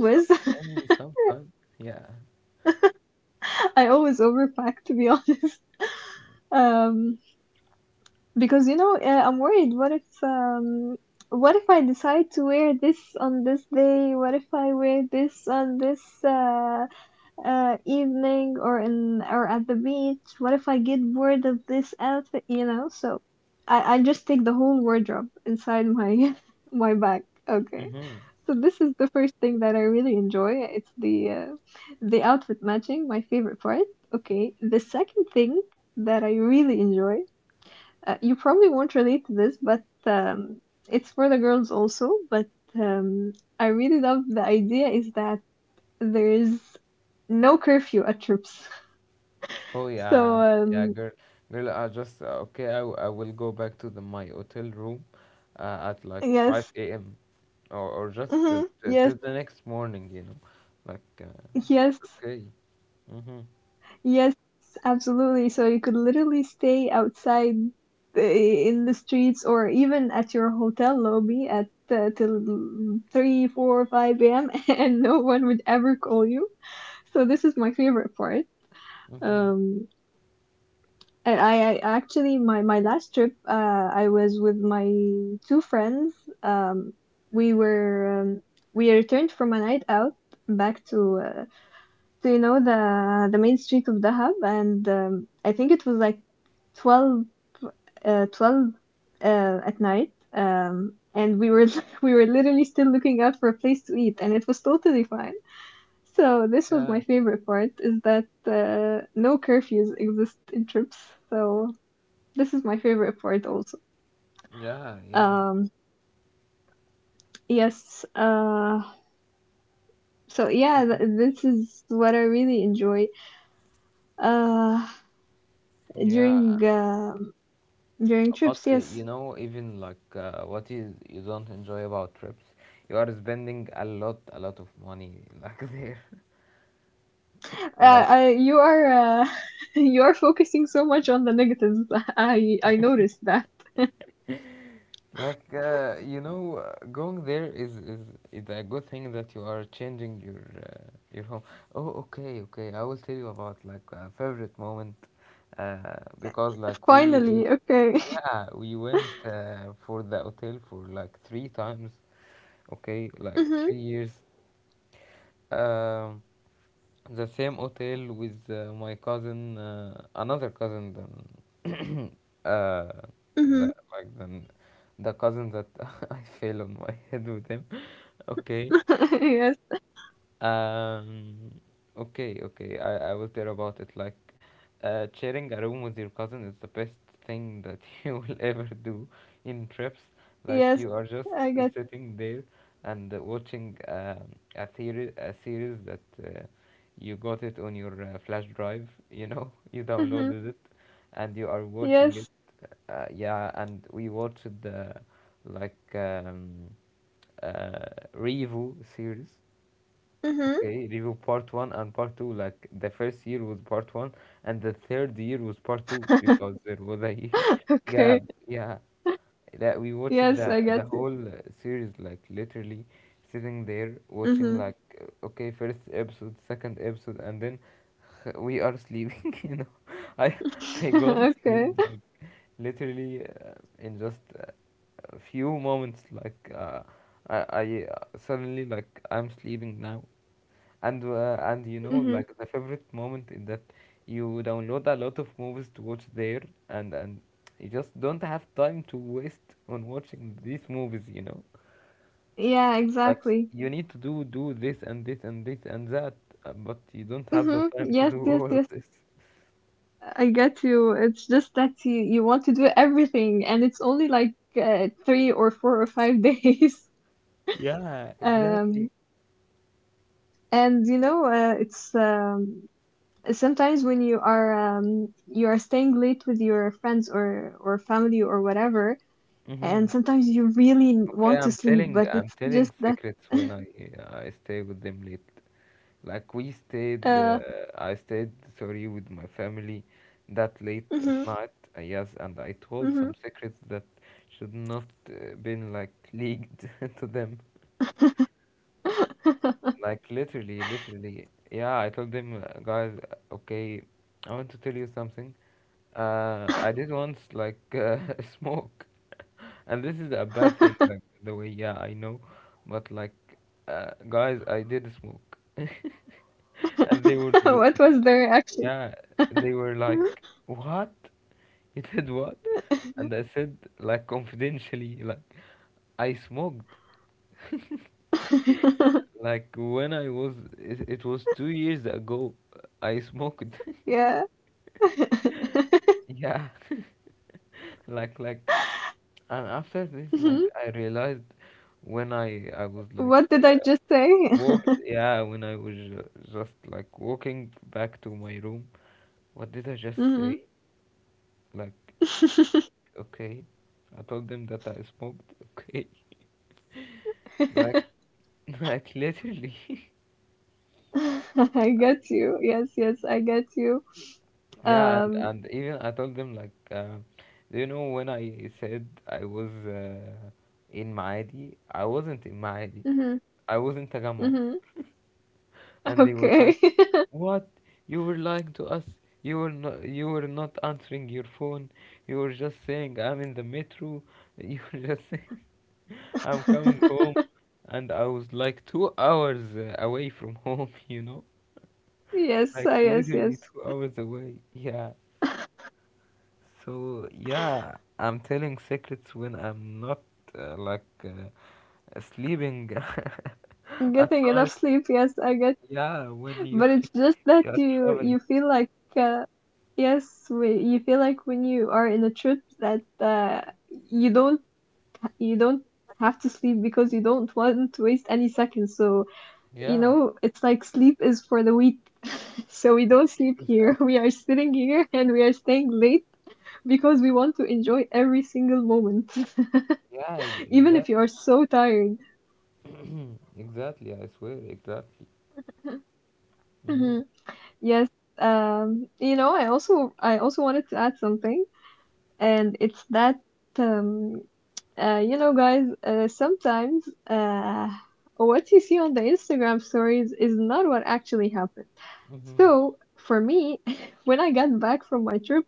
Speaker 1: some, only
Speaker 2: <laughs>
Speaker 1: sometimes. Yeah.
Speaker 2: I always overpack, to be <laughs> honest. Um, because you know, I'm worried. What if I decide to wear this on this day? What if I wear this on this, evening or in or at the beach? What if I get bored of this outfit? You know, so I just take the whole wardrobe inside my <laughs> my bag. Okay,
Speaker 1: Hmm.
Speaker 2: so this is the first thing that I really enjoy. It's the outfit matching, my favorite part. Okay, the second thing that I really enjoy. You probably won't relate to this, but it's for the girls also. But um, I really love, the idea is that there's no curfew at troops. <laughs>
Speaker 1: Oh,
Speaker 2: So
Speaker 1: yeah, yeah,
Speaker 2: um,
Speaker 1: girl, girl. I just, okay. I will go back to the my hotel room, at like
Speaker 2: yes,
Speaker 1: 5 a.m., or just till,
Speaker 2: hmm
Speaker 1: till
Speaker 2: yes,
Speaker 1: till the next morning. You know, like,
Speaker 2: yes,
Speaker 1: it's okay. Mm-hmm.
Speaker 2: yes, absolutely. So you could literally stay outside in the streets or even at your hotel lobby at till three, four, five a.m. <laughs> and no one would ever call you. So this is my favorite part.
Speaker 1: Mm-hmm.
Speaker 2: Um, And I actually, my last trip, I was with my two friends, um we were we returned from a night out back to to, you know, the main street of Dahab, and I think it was like 12 uh 12 at night. And we were <laughs> we were literally still looking out for a place to eat, and it was totally fine. So this was
Speaker 1: Yeah.
Speaker 2: my favorite part, is that no curfews exist in trips. So this is my favorite part also.
Speaker 1: Yeah. Yeah.
Speaker 2: Um, yes. So yeah,
Speaker 1: Mm-hmm.
Speaker 2: this is what I really enjoy. Uh,
Speaker 1: Yeah.
Speaker 2: during during
Speaker 1: But
Speaker 2: trips, yes.
Speaker 1: you know, even like, what you don't enjoy about trips, you are spending a lot of money <laughs> like, there, like,
Speaker 2: You are uh, <laughs> you are focusing so much on the negatives. <laughs> I noticed that.
Speaker 1: going there is a good thing that you are changing your, your home. Oh, okay, okay. I will tell you about like a favorite moment, because like we we
Speaker 2: Finally, okay. <laughs>
Speaker 1: yeah we went, for the hotel for like three times, okay, like
Speaker 2: hmm
Speaker 1: 3 years. Um, the same hotel with, my cousin, another cousin than <coughs> uh, the,
Speaker 2: hmm
Speaker 1: like than the cousin that <laughs> I fell on my head with him. <laughs> Okay,
Speaker 2: <laughs> yes.
Speaker 1: um, okay, okay. I will tell about it. Like, sharing a room with your cousin is the best thing that <laughs> you will ever do in trips. Like,
Speaker 2: Yes.
Speaker 1: you are just
Speaker 2: I get.
Speaker 1: sitting there and, watching, a series that, you got it on your, flash drive. You know, <laughs> you
Speaker 2: Hmm
Speaker 1: downloaded it, and you are watching it.
Speaker 2: Yes.
Speaker 1: Yeah, and we watched the, like um, uh, Revo series.
Speaker 2: hmm
Speaker 1: Okay, review part one and part two. Like the first year was part one, and the third year was part two because
Speaker 2: <laughs>
Speaker 1: there was a year <laughs>
Speaker 2: okay.
Speaker 1: gap. Yeah, that we watched
Speaker 2: Yes,
Speaker 1: the
Speaker 2: I get
Speaker 1: the
Speaker 2: it.
Speaker 1: whole, series, like, literally sitting there watching,
Speaker 2: Hmm
Speaker 1: like, okay, first episode, second episode, and then <laughs> we are sleeping. <laughs> You know, I I got to sleep,
Speaker 2: <laughs> okay.
Speaker 1: like, literally, in just, a few moments, like, I suddenly like, I'm sleeping now, and you know,
Speaker 2: hmm
Speaker 1: like, the favorite moment is that you download a lot of movies to watch there, and you just don't have time to waste on watching these movies, you know,
Speaker 2: Yeah,
Speaker 1: like,
Speaker 2: exactly.
Speaker 1: you need to do this and this and this and that, but you don't have the time to
Speaker 2: Yes,
Speaker 1: do
Speaker 2: yes,
Speaker 1: all
Speaker 2: yes.
Speaker 1: of this.
Speaker 2: I get you. It's just that you want to do everything, and it's only like three or four or five <laughs> days.
Speaker 1: Yeah,
Speaker 2: Um,
Speaker 1: exactly.
Speaker 2: and you know, it's sometimes when you are staying late with your friends or family or whatever,
Speaker 1: Mm-hmm.
Speaker 2: and sometimes you really
Speaker 1: Okay,
Speaker 2: want to
Speaker 1: I'm
Speaker 2: sleep,
Speaker 1: telling
Speaker 2: but
Speaker 1: I'm
Speaker 2: it's
Speaker 1: telling
Speaker 2: just that.
Speaker 1: secrets when I stay with them late. Like we stayed,
Speaker 2: Uh,
Speaker 1: uh, I stayed, sorry, with my family that late
Speaker 2: hmm
Speaker 1: at night. Yes, and I told
Speaker 2: hmm
Speaker 1: some secrets that should not, been like leaked <laughs> to them.
Speaker 2: <laughs>
Speaker 1: Like, literally, literally. Yeah, I told them, Guys, okay, I want to tell you something. I did once, like, <laughs> smoke, <laughs> and this is a bad thing. Like the way, yeah, I know, but, like, guys, I did smoke, <laughs> and they would,
Speaker 2: <laughs> What was the reaction?
Speaker 1: yeah, they were like,
Speaker 2: <laughs>
Speaker 1: what? You did what?" And I said like, <laughs> confidentially, like, I smoked.
Speaker 2: <laughs>
Speaker 1: Like, when I was, it was 2 years ago, I smoked. <laughs>
Speaker 2: Yeah. <laughs>
Speaker 1: Yeah. <laughs> Like, and after this, like,
Speaker 2: Mhm.
Speaker 1: I realized when I was, like,
Speaker 2: What did I just say?
Speaker 1: walked.
Speaker 2: <laughs>
Speaker 1: Yeah, when I was just like walking back to my room, what did I just
Speaker 2: Mhm.
Speaker 1: say? Like,
Speaker 2: <laughs>
Speaker 1: okay, I told them that I smoked. Okay, like, <laughs> like, literally. <laughs>
Speaker 2: I get you. Yes, yes, I get you.
Speaker 1: Yeah, and
Speaker 2: Um,
Speaker 1: and even I told them, like, do you know when I said I was, in Maadi, I wasn't in Maadi.
Speaker 2: mhm,
Speaker 1: I was in Tagamo,
Speaker 2: mhm.
Speaker 1: and they were
Speaker 2: Okay.
Speaker 1: like, "What? You were lying to us. You were not. You were not answering your phone. You were just saying I'm in the metro. <laughs> You were just saying <laughs> I'm coming home,
Speaker 2: <laughs>
Speaker 1: and I was like 2 hours, away from home. <laughs> You know,
Speaker 2: Yes,
Speaker 1: like,
Speaker 2: yes,
Speaker 1: literally
Speaker 2: yes.
Speaker 1: 2 hours away. Yeah." So yeah, I'm telling secrets when I'm not, like, sleeping <laughs> at
Speaker 2: Getting enough
Speaker 1: night.
Speaker 2: sleep, yes, I get.
Speaker 1: Yeah, when you
Speaker 2: But it's just
Speaker 1: <laughs>
Speaker 2: that
Speaker 1: you are
Speaker 2: you
Speaker 1: traveling.
Speaker 2: you feel like uh, yes, you feel like when you are in a trip that you don't you don't have to sleep because you don't want to waste any seconds. So, you
Speaker 1: Yeah.
Speaker 2: know, it's like sleep is for the weak. <laughs> So we don't sleep here. <laughs>
Speaker 1: Exactly.
Speaker 2: We are sitting here and we are staying late because we want to enjoy every single moment,
Speaker 1: Yeah,
Speaker 2: <laughs> even
Speaker 1: exactly.
Speaker 2: if you are so tired.
Speaker 1: <clears throat> Exactly. I swear, exactly. Mhm.
Speaker 2: Mhm. Yes. You know, I also wanted to add something, and it's that um you know, guys, sometimes what you see on the Instagram stories is not what actually happened. So,
Speaker 1: Mhm.
Speaker 2: for me, <laughs> when I got back from my trip,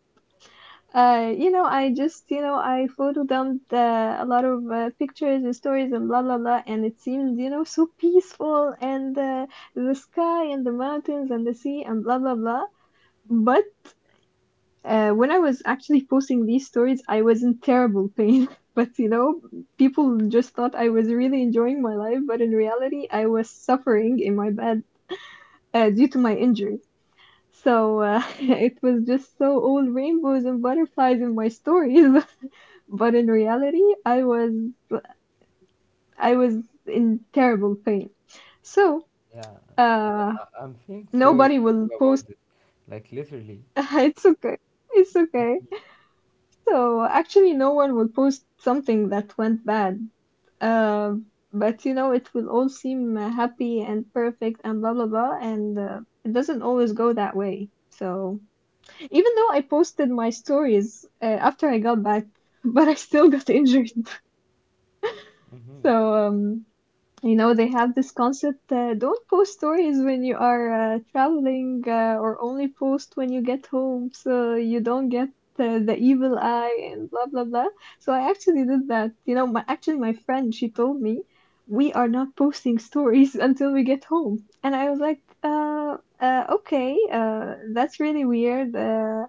Speaker 2: you know, I just, you know, I photo dumped a lot of pictures and stories and blah, blah, blah, and it seemed, you know, so peaceful and the sky and the mountains and the sea and blah, blah, blah. But when I was actually posting these stories, I was in terrible pain. <laughs> But you know, people just thought I was really enjoying my life, but in reality, I was suffering in my bed due to my injury. So <laughs> it was just so all rainbows and butterflies in my stories, <laughs> but in reality, I was in terrible pain. So
Speaker 1: Yeah.
Speaker 2: uh,
Speaker 1: I'm feeling sorry
Speaker 2: nobody
Speaker 1: for
Speaker 2: will
Speaker 1: you about
Speaker 2: post.
Speaker 1: this. Like, literally.
Speaker 2: <laughs> It's okay. It's okay. So actually, no one will post something that went bad. Um, but you know, it will all seem happy and perfect and blah blah blah, and it doesn't always go that way. So even though I posted my stories after I got back, <laughs> but I still got injured. <laughs>
Speaker 1: Mhm.
Speaker 2: So you know, they have this concept, don't post stories when you are traveling or only post when you get home so you don't get the evil eye and blah blah blah. So I actually did that. You know, actually, my friend she told me we are not posting stories <laughs> until we get home, and I was like, okay, that's really weird. Uh,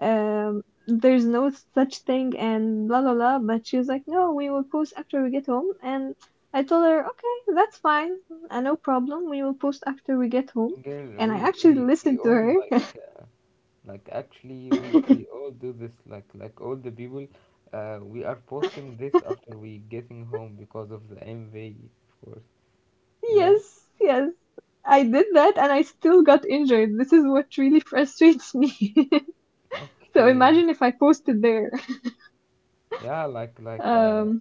Speaker 2: um, There's no such thing and blah blah blah. But she was like, no, we will post after we get home. And I told her, okay, that's fine, no problem. We will post after we get home.
Speaker 1: Girl,
Speaker 2: And
Speaker 1: we
Speaker 2: I actually
Speaker 1: we we
Speaker 2: listened to
Speaker 1: all
Speaker 2: her.
Speaker 1: like. Like, actually, we
Speaker 2: <laughs>
Speaker 1: all do this, like, all the people, we are posting this after we getting home because of the mv, of course, you know.
Speaker 2: Yes, yes, I did that, and I still got injured. This is what really frustrates me. <laughs> So
Speaker 1: Okay,
Speaker 2: imagine if I posted there.
Speaker 1: yeah, like like uh
Speaker 2: Um,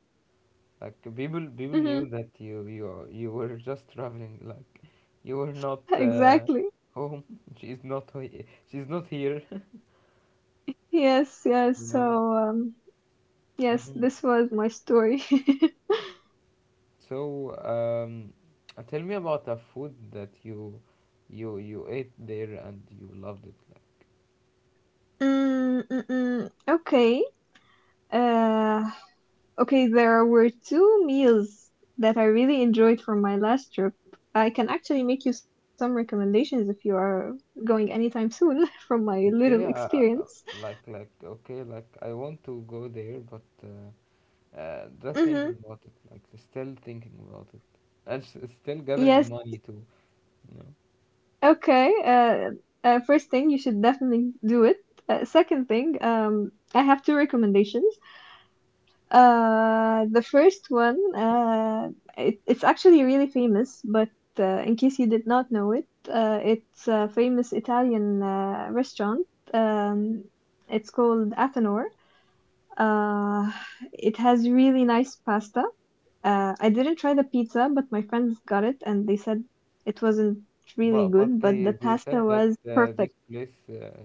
Speaker 1: like people
Speaker 2: mhm,
Speaker 1: knew that you were <laughs> just traveling, like, you were not, uh
Speaker 2: exactly.
Speaker 1: home. <laughs> she's not he- she's not here.
Speaker 2: Yes,
Speaker 1: <laughs>
Speaker 2: yes.
Speaker 1: You know.
Speaker 2: So um, yes,
Speaker 1: Hmm.
Speaker 2: this was my story. <laughs>
Speaker 1: So, um tell me about a food that you ate there and you loved it, like.
Speaker 2: Mm, mm, mm. Okay. Uh, okay, there were two meals that I really enjoyed from my last trip. I can actually make you some recommendations if you are going anytime soon <laughs> from my little
Speaker 1: Okay,
Speaker 2: experience.
Speaker 1: like, okay, like, I want to go there, but, just
Speaker 2: Mm-hmm.
Speaker 1: thinking about it, like, still thinking about it, and still gathering
Speaker 2: Yes.
Speaker 1: money too, you know.
Speaker 2: Okay. First thing, you should definitely do it. Second thing, I have two recommendations. The first one, it's actually really famous, but in case you did not know it, it's a famous Italian restaurant. Um, it's called Athenor. Uh, it has really nice pasta. I didn't try the pizza, but my friends got it and they said it wasn't really
Speaker 1: But
Speaker 2: good, but
Speaker 1: they
Speaker 2: the
Speaker 1: they
Speaker 2: pasta
Speaker 1: said that,
Speaker 2: was perfect.
Speaker 1: this place,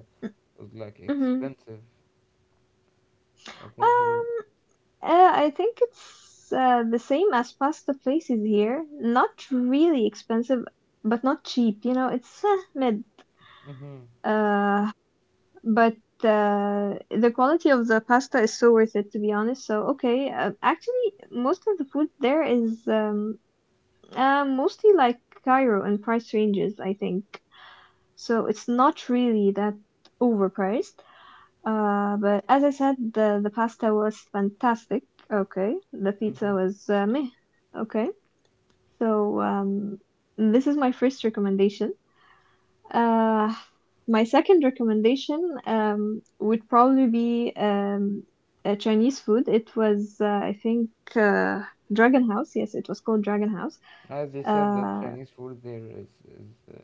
Speaker 1: was like
Speaker 2: hmm
Speaker 1: expensive. I think so.
Speaker 2: Um, I think it's the same as pasta places here. Not really expensive, but not cheap. You know, it's mid.
Speaker 1: Mm-hmm.
Speaker 2: Uh, but the quality of the pasta is so worth it, to be honest. So okay, actually, most of the food there is mostly like Cairo in price ranges, I think. So it's not really that overpriced. But as I said, the pasta was fantastic. Okay, the pizza
Speaker 1: Mm-hmm.
Speaker 2: was meh. Okay, so this is my first recommendation. Uh, my second recommendation would probably be Chinese food. It was, I think, uh, Dragon House. Yes, it was called Dragon House.
Speaker 1: As they said that
Speaker 2: Uh,
Speaker 1: Chinese food there is,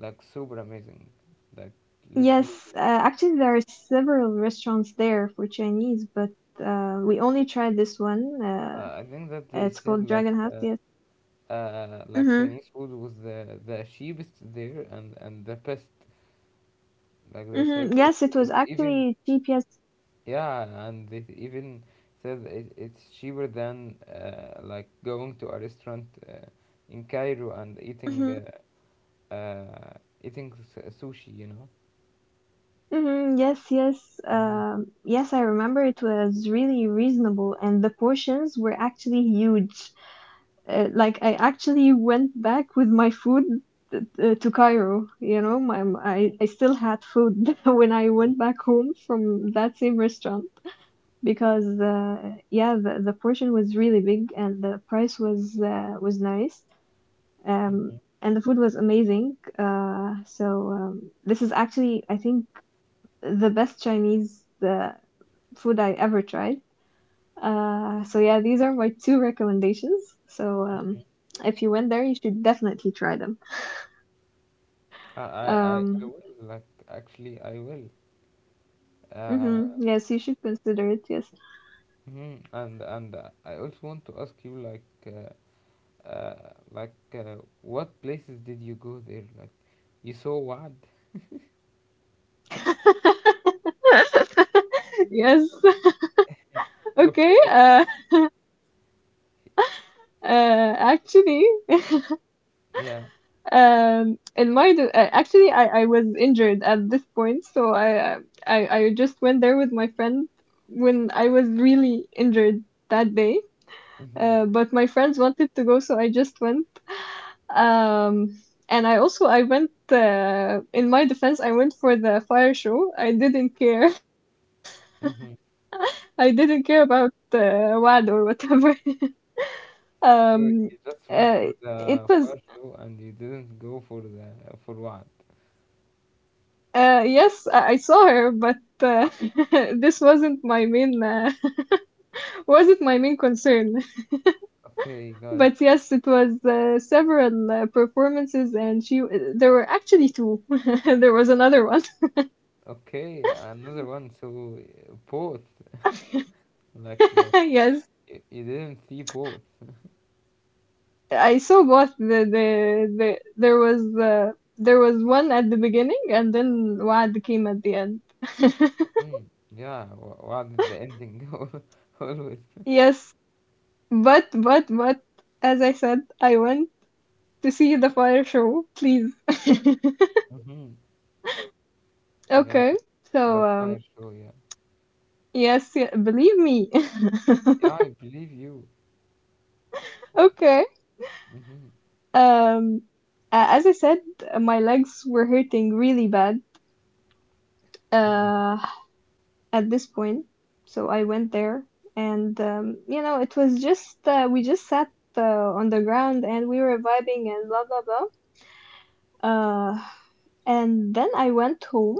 Speaker 1: like, super amazing, like, literally.
Speaker 2: yes, actually, there are several restaurants there for Chinese, but we only tried this one.
Speaker 1: I think that they
Speaker 2: It's
Speaker 1: said,
Speaker 2: called
Speaker 1: like,
Speaker 2: Dragon House, yes.
Speaker 1: like,
Speaker 2: Mm-hmm.
Speaker 1: Chinese food was the cheapest there and the best. Like, they said,
Speaker 2: Mm-hmm. Yes,
Speaker 1: it's
Speaker 2: it was
Speaker 1: it's even
Speaker 2: actually GPS.
Speaker 1: yeah, and they even said it's cheaper than, like, going to a restaurant, in Cairo and eating,
Speaker 2: Mm-hmm.
Speaker 1: uh, uh, sushi, you know.
Speaker 2: Mm-hmm. Yes, yes.
Speaker 1: Hmm.
Speaker 2: Yes, I remember it was really reasonable, and the portions were actually huge. Like I actually went back with my food to Cairo. You know, I still had food <laughs> when I went back home from that same restaurant because yeah, the portion was really big and the price was nice. um,
Speaker 1: Hmm.
Speaker 2: and the food was amazing. So this is actually, I think, the best Chinese food I ever tried. So yeah, these are my two recommendations. So if you went there, you should definitely try them.
Speaker 1: I
Speaker 2: Um,
Speaker 1: will, like, actually I will. Uh,
Speaker 2: mhm, Yes, you should consider it. Yes.
Speaker 1: mhm. And I also want to ask you, like. Uh, like, what places did you go there? Like, you saw what?
Speaker 2: <laughs> Yes. <laughs> Okay.
Speaker 1: Okay.
Speaker 2: <laughs> Uh, actually,
Speaker 1: Yeah.
Speaker 2: Actually, I was injured at this point, so I I just went there with my friend when I was really injured that day.
Speaker 1: Mm-hmm.
Speaker 2: But my friends wanted to go, so I just went. Um, and I also I went. In my defense, I went for the fire show. I didn't care. <laughs>
Speaker 1: Mm-hmm.
Speaker 2: I didn't care about WAD or whatever. <laughs> Um,
Speaker 1: So you just
Speaker 2: uh,
Speaker 1: went for
Speaker 2: it was
Speaker 1: the fire show and you didn't go for the, for what?
Speaker 2: Yes, I saw her, but <laughs> this wasn't my main <laughs> wasn't my main concern. <laughs>
Speaker 1: Okay, guys.
Speaker 2: But yes, it was several performances, and she there were actually two. <laughs> There was another one.
Speaker 1: Okay, another one. So, both, like,
Speaker 2: <laughs> Yes,
Speaker 1: you didn't see both.
Speaker 2: I saw both. The there was one at the beginning, and then Wad came at the end. <laughs>
Speaker 1: Mm. Yeah. What did the ending? <laughs> Go? Always.
Speaker 2: Yes, but as I said, I went to see the fire show. Please. <laughs>
Speaker 1: Mm-hmm. Yeah.
Speaker 2: Okay.
Speaker 1: The
Speaker 2: So,
Speaker 1: fire show. Yeah.
Speaker 2: yes, yeah, believe me. <laughs>
Speaker 1: Yeah, I believe you.
Speaker 2: Okay.
Speaker 1: Mm-hmm.
Speaker 2: Um, a- as I said, my legs were hurting really bad,
Speaker 1: Mm-hmm.
Speaker 2: uh, at this point. So I went there and, you know, it was just, we just sat, uh, on the ground and we were vibing and blah, blah, blah. And then I went home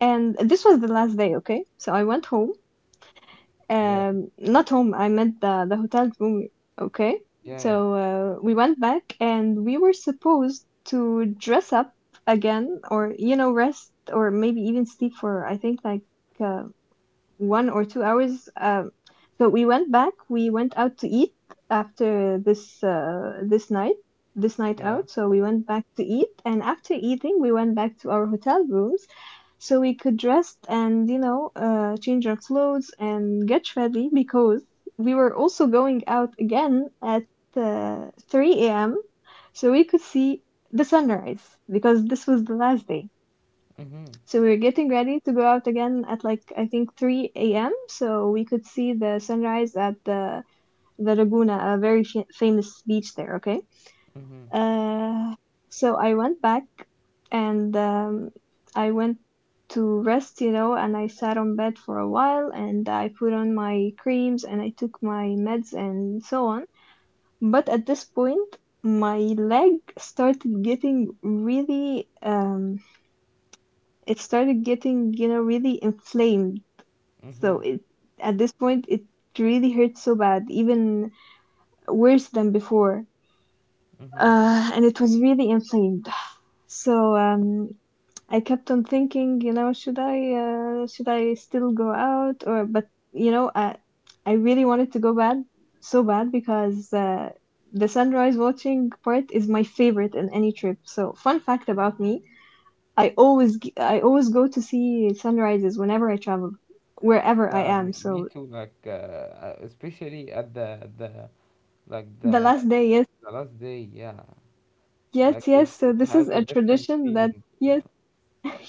Speaker 2: and this was the last day, okay? So I went home,
Speaker 1: Yeah.
Speaker 2: not home, I meant the hotel room. Okay,
Speaker 1: Yeah.
Speaker 2: so
Speaker 1: Yeah.
Speaker 2: we went back and we were supposed to dress up again or you know rest or maybe even sleep for I think like uh, 1 or 2 hours. So we went back, we went out to eat after this night
Speaker 1: Yeah.
Speaker 2: out. So we went back to eat and after eating we went back to our hotel rooms so we could dress and you know change our clothes and get ready because we were also going out again at 3 a.m. so we could see the sunrise because this was the last day.
Speaker 1: Mm-hmm.
Speaker 2: So we were getting ready to go out again at like I think 3 a.m. so we could see the sunrise at the Laguna, a very famous beach there. Okay.
Speaker 1: Mm-hmm.
Speaker 2: Uh, so I went back and I went to rest, you know, and I sat on bed for a while and I put on my creams and I took my meds and so on. But at this point, my leg started getting really, it started getting, you know, really inflamed.
Speaker 1: Mm-hmm.
Speaker 2: So at this point, it really hurt so bad, even worse than before.
Speaker 1: Mm-hmm.
Speaker 2: And it was really inflamed. So I kept on thinking, you know, should I still go out? Or but you know, I really wanted to go bad, so bad because the sunrise watching part is my favorite in any trip. So fun fact about me, I always go to see sunrises whenever I travel, wherever I
Speaker 1: Yeah,
Speaker 2: am.
Speaker 1: me
Speaker 2: So
Speaker 1: too. Like, especially at like
Speaker 2: the
Speaker 1: the
Speaker 2: last day, yes,
Speaker 1: the last day. Yeah, like
Speaker 2: yes,
Speaker 1: it
Speaker 2: yes.
Speaker 1: it
Speaker 2: So this
Speaker 1: has
Speaker 2: is
Speaker 1: a
Speaker 2: a
Speaker 1: different
Speaker 2: tradition that
Speaker 1: feeling, you
Speaker 2: yes,
Speaker 1: know.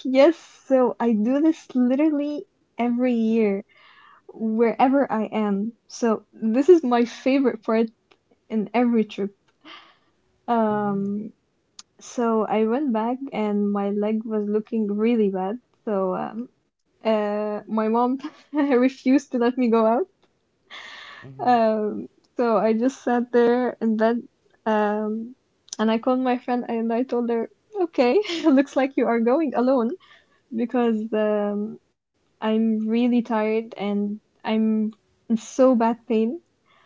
Speaker 2: yes. So I do this literally every year, wherever I am. So this is my favorite part in every trip.
Speaker 1: Mm-hmm.
Speaker 2: Um, so I went back and my leg was looking really bad. So my mom <laughs> refused to let me go out.
Speaker 1: Mm-hmm.
Speaker 2: Um, so I just sat there in bed. Um, and I called my friend and I told her, "Okay, <laughs> looks like you are going alone because I'm really tired and I'm in so bad pain.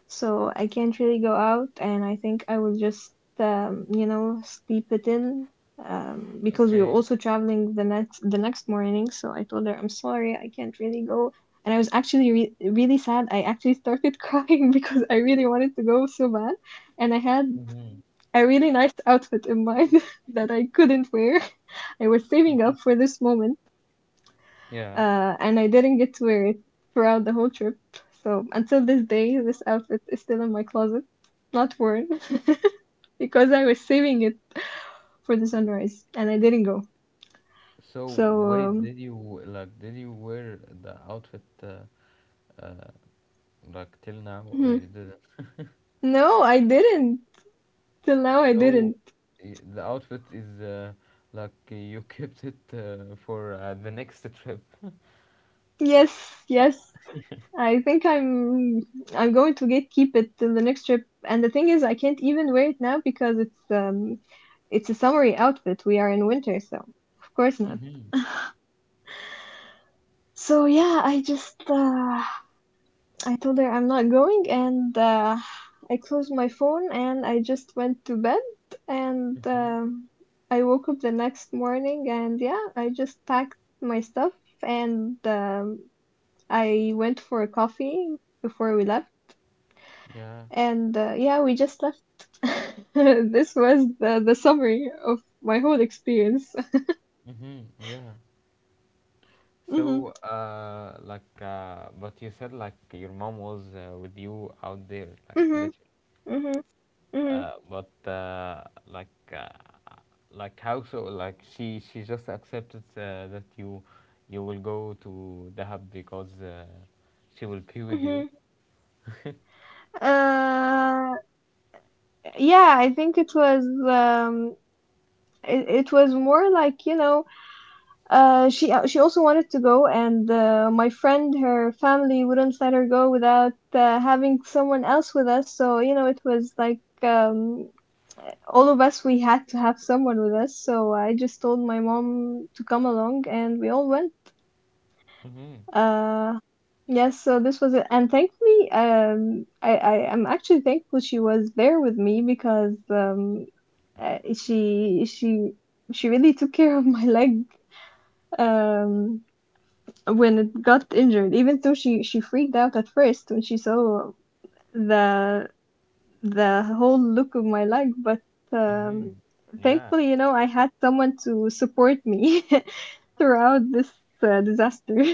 Speaker 2: So I can't really go out, and I think I will just sleep it in, because
Speaker 1: Okay.
Speaker 2: we were also traveling the next morning." So I told her I'm sorry I can't really go. And I was actually really sad. I actually started <laughs> crying because I really wanted to go so bad. And I had
Speaker 1: Mm-hmm.
Speaker 2: a really nice outfit in mind <laughs> that I couldn't wear. <laughs> I was saving up for this moment,
Speaker 1: Yeah.
Speaker 2: and I didn't get to wear it throughout the whole trip. So until this day, this outfit is still in my closet, not worn, <laughs> because I was saving it for the sunrise and I didn't go.
Speaker 1: So
Speaker 2: So
Speaker 1: wait,
Speaker 2: um,
Speaker 1: did you like did you wear the outfit uh, like till now or
Speaker 2: hmm.
Speaker 1: you didn't?
Speaker 2: no, I didn't. Till now, I
Speaker 1: So
Speaker 2: didn't.
Speaker 1: the outfit is, like you <laughs> kept it, for the next trip.
Speaker 2: Yes, yes. I think I'm going to get keep it till the next trip. And the thing is, I can't even wear it now because it's a summery outfit. We are in winter, so of course not.
Speaker 1: Mm-hmm.
Speaker 2: So, yeah, I told her I'm not going, and I closed my phone and I just went to bed. And
Speaker 1: Mm-hmm.
Speaker 2: um, I woke up the next morning, and, yeah, I just packed my stuff, and I went for a coffee before we left.
Speaker 1: Yeah.
Speaker 2: And, yeah, we just left. <laughs> This was the summary of my whole experience. <laughs>
Speaker 1: Mm-hmm. Yeah.
Speaker 2: Hmm.
Speaker 1: So but you said like your mom was, with you out there, like,
Speaker 2: Hmm.
Speaker 1: literally.
Speaker 2: Hmm. Hmm.
Speaker 1: But like how so? Like, she just accepted that you will go to Dahab because she will be with you.
Speaker 2: Hmm. Uh, yeah, I think it was, it was more like, you know, she, she also wanted to go. And, my friend, her family wouldn't let her go without, having someone else with us. So, you know, it was like, all of us, we had to have someone with us. So I just told my mom to come along, and we all went.
Speaker 1: Mm-hmm.
Speaker 2: uh yes, so this was it. And, thankfully, I am actually thankful she was there with me, because uh, she she she really took care of my <laughs> leg um when it got injured, even though she freaked out at first when she saw the the whole look of my leg. But, um
Speaker 1: Mm-hmm. Yeah.
Speaker 2: thankfully, I had someone to support me <laughs> throughout this, disaster.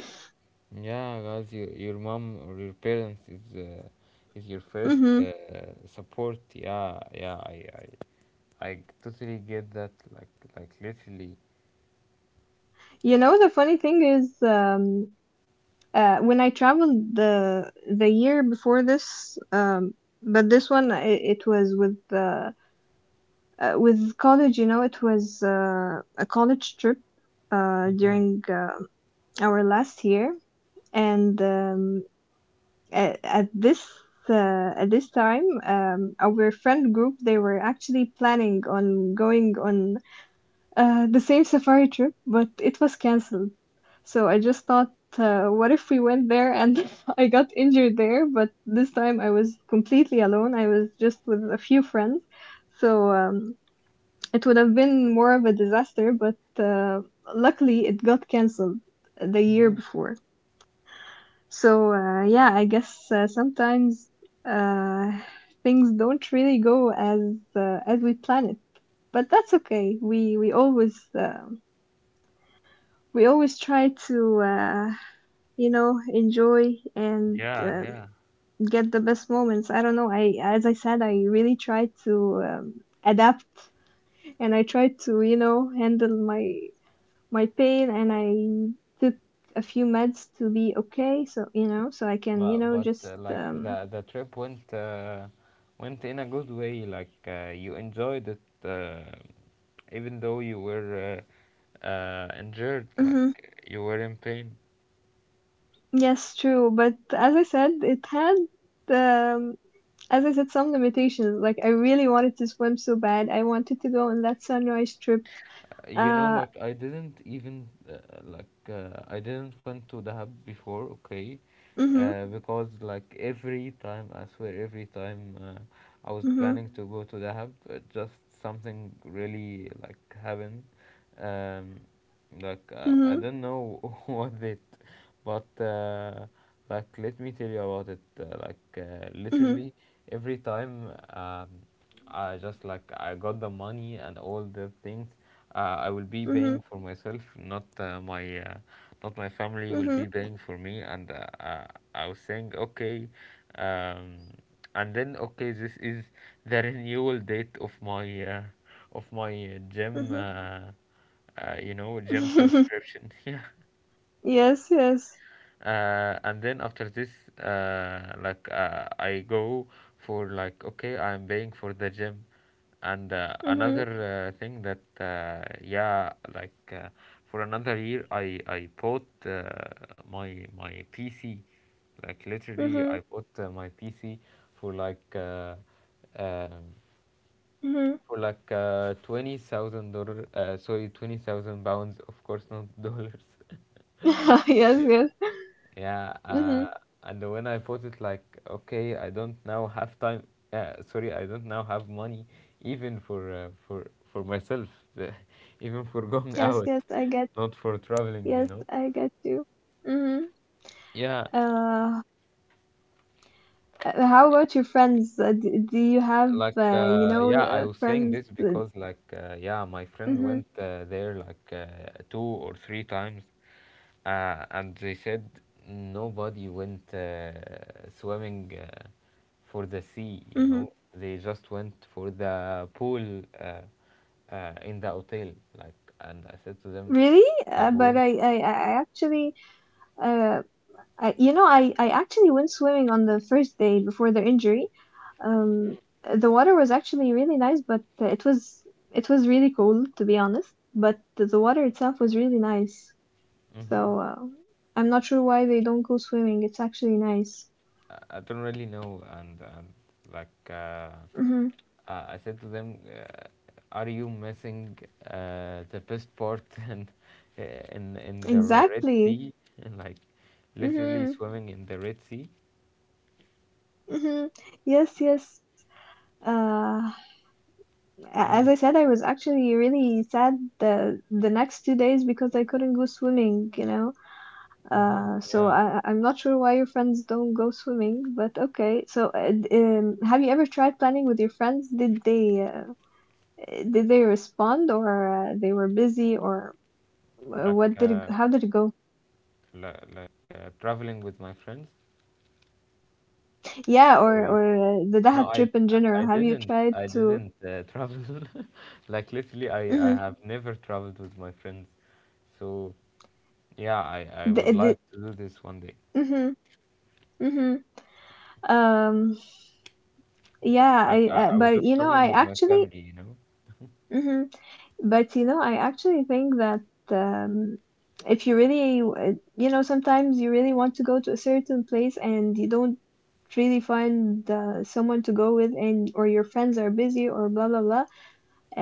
Speaker 1: Yeah, guys, your mom or your parents is, is your
Speaker 2: <laughs>
Speaker 1: first,
Speaker 2: Hmm.
Speaker 1: support. Yeah, yeah, I totally get that. Like literally.
Speaker 2: You know, the funny thing is, when I traveled the year before this, but this one, it was with with college. You know, it was, a college trip,
Speaker 1: Mhm.
Speaker 2: during, our last year, and at, at this at this time, our friend group, they were actually planning on going on, the same safari trip, but it was canceled. So I just thought, what if we went there and <laughs> I got injured there? But this time I was completely alone. I was just with a few friends. So it would have been more of a disaster, but, uh, luckily, it got cancelled the year
Speaker 1: Mhm.
Speaker 2: before. So, yeah, I guess, sometimes, uh, things don't really go as, as we plan it, but that's okay. We always try to, you know, enjoy, and,
Speaker 1: Yeah, yeah.
Speaker 2: get the best moments. I don't know. I As I said, I really try to, adapt, and I try to, you know, handle my pain, and I took a few meds to be okay. So, you know, so I can, you know,
Speaker 1: But
Speaker 2: just,
Speaker 1: like the trip went went in a good way. Like, you enjoyed it, uh, even though you were, injured.
Speaker 2: mhm.
Speaker 1: Like you were in pain.
Speaker 2: Yes, true. But, as I said, it had, um, some limitations. Like, I really wanted to swim so bad. I wanted to go on that sunrise trip.
Speaker 1: You know,
Speaker 2: Uh,
Speaker 1: like I didn't even, I didn't went to Dahab before. Okay,
Speaker 2: mm-hmm,
Speaker 1: because like every time, I swear every time, I was
Speaker 2: mm-hmm,
Speaker 1: planning to go to Dahab, just something really like happened. um I
Speaker 2: mm-hmm,
Speaker 1: don't know <laughs> what it, but, like let me tell you about it. Literally every time, I just like I got the money and all the things. I will be
Speaker 2: mm-hmm, mm-hmm,
Speaker 1: paying for myself, not my family will
Speaker 2: mm-hmm.
Speaker 1: be paying for me. And I was saying okay, um, and then okay, this is the renewal date of my gym. You know, gym
Speaker 2: Hmm.
Speaker 1: subscription. <laughs> Yeah,
Speaker 2: <laughs> Yes, yes.
Speaker 1: and then after this, like I go for like okay, I'm paying for the gym and,
Speaker 2: Mm-hmm,
Speaker 1: another, thing that, for another year I bought, my my PC. Like literally
Speaker 2: mm-hmm,
Speaker 1: I bought, my PC for um,
Speaker 2: mm-hmm.
Speaker 1: like $20,000, sorry, £20,000, of course not dollars.
Speaker 2: <laughs> Yes,
Speaker 1: <laughs>
Speaker 2: yes.
Speaker 1: Yeah,
Speaker 2: Mm-hmm.
Speaker 1: and when I put it like, okay, I don't now have time. Sorry, I don't now have money, even for, for myself, <laughs> even for going <laughs>
Speaker 2: Yes,
Speaker 1: out,
Speaker 2: yes, I get.
Speaker 1: not for traveling, you
Speaker 2: Yes,
Speaker 1: know.
Speaker 2: I get you. Hmm.
Speaker 1: Yeah,
Speaker 2: Uh, how about your friends? Do do, you have,
Speaker 1: like,
Speaker 2: you know,
Speaker 1: yeah, I was saying
Speaker 2: friends?
Speaker 1: this
Speaker 2: That...
Speaker 1: because like, yeah, my friend
Speaker 2: Hmm.
Speaker 1: went, there like, two or three times. And they said nobody went, swimming, for the sea, you
Speaker 2: Hmm.
Speaker 1: know. They just went for the pool, in the hotel. Like, and I said to them,
Speaker 2: Really?
Speaker 1: the
Speaker 2: Uh,
Speaker 1: pool.
Speaker 2: but I actually, uh, you know, I actually went swimming on the first day before the injury. Um, the water was actually really nice, but, it was really cold, to be honest. But the water itself was really nice. So,
Speaker 1: Mm-hmm.
Speaker 2: I'm not sure why they don't go swimming. It's actually nice.
Speaker 1: I don't really know. And like, I said to them, are you missing, the best part <laughs> in, in the Red
Speaker 2: Exactly.
Speaker 1: Sea? <laughs> And like,
Speaker 2: Mm-hmm.
Speaker 1: literally swimming in the Red Sea.
Speaker 2: Mm-hmm. Yes, yes. Uh, a- as I
Speaker 1: Mm.
Speaker 2: said, I was actually really sad the next 2 days because I couldn't go swimming.
Speaker 1: Mm-hmm.
Speaker 2: So
Speaker 1: Yeah,
Speaker 2: I'm not sure why your friends don't go swimming, but okay. So, have you ever tried planning with your friends? Did they respond, or, they were busy, or,
Speaker 1: like,
Speaker 2: how did it go?
Speaker 1: traveling with my friends.
Speaker 2: Yeah,
Speaker 1: Or
Speaker 2: or
Speaker 1: you say-
Speaker 2: or uh, the
Speaker 1: no,
Speaker 2: Dahab
Speaker 1: I, d-
Speaker 2: trip in general.
Speaker 1: I
Speaker 2: Have you
Speaker 1: didn't
Speaker 2: tried
Speaker 1: I
Speaker 2: to?
Speaker 1: didn't uh, travel. <laughs> Like literally, I have never traveled with my friends. So yeah, I would
Speaker 2: Mm-hmm.
Speaker 1: like to do this one day.
Speaker 2: Mhm, mhm. Um,
Speaker 1: But
Speaker 2: yeah,
Speaker 1: like
Speaker 2: I
Speaker 1: I was
Speaker 2: but,
Speaker 1: just
Speaker 2: you know,
Speaker 1: traveling
Speaker 2: I
Speaker 1: with my
Speaker 2: actually
Speaker 1: family, you know.
Speaker 2: mhm, but, you know, I actually think that, um if you really you know, sometimes you really want to go to a certain place and you don't really find, someone to go with, and or your friends are busy, or blah blah blah.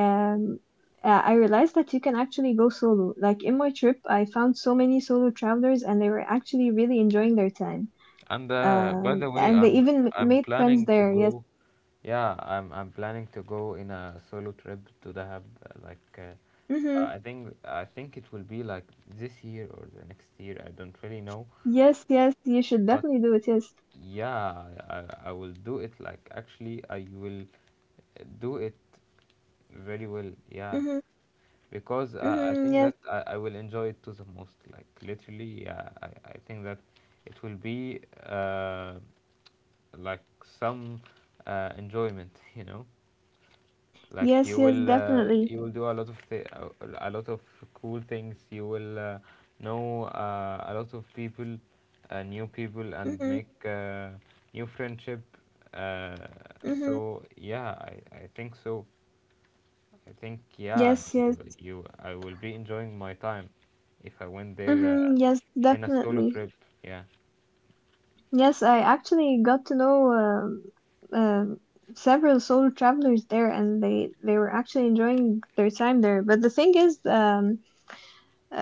Speaker 2: Um I realized that you can actually go solo. Like, in my trip, I found so many solo travelers and they were actually really enjoying their time.
Speaker 1: And, by
Speaker 2: Um,
Speaker 1: the way,
Speaker 2: and they even
Speaker 1: I'm
Speaker 2: made friends
Speaker 1: planning to
Speaker 2: there. Yes.
Speaker 1: go. Yeah, I'm planning to go in a solo trip to Dahab. Uh, like,
Speaker 2: Mm-hmm.
Speaker 1: I think it will be like this year or the next year. I don't really know,
Speaker 2: Yes, yes, you should
Speaker 1: but
Speaker 2: definitely do it. Yes.
Speaker 1: yeah, I will do it. Like, actually, I will do it very well. Yeah,
Speaker 2: Mm-hmm.
Speaker 1: because, I
Speaker 2: Mm-hmm.
Speaker 1: think
Speaker 2: Yes,
Speaker 1: that I will enjoy it to the most. Like, literally, yeah, I think that it will be. Uh, like some, enjoyment, you know, like
Speaker 2: yes,
Speaker 1: you
Speaker 2: yes,
Speaker 1: will,
Speaker 2: definitely.
Speaker 1: you will do a lot of cool things. You will, know, a lot of people, new people, and
Speaker 2: Mm-hmm.
Speaker 1: make, new friendship, uh,
Speaker 2: Mm-hmm.
Speaker 1: so yeah, I think so. I think yeah,
Speaker 2: Yes,
Speaker 1: you
Speaker 2: yes.
Speaker 1: you I will be enjoying my time if I went there,
Speaker 2: Mm-hmm. Yes,
Speaker 1: in a solo
Speaker 2: definitely.
Speaker 1: trip. Yeah.
Speaker 2: Yes, I actually got to know, um several solo travelers there, and they were actually enjoying their time there. But the thing is, um,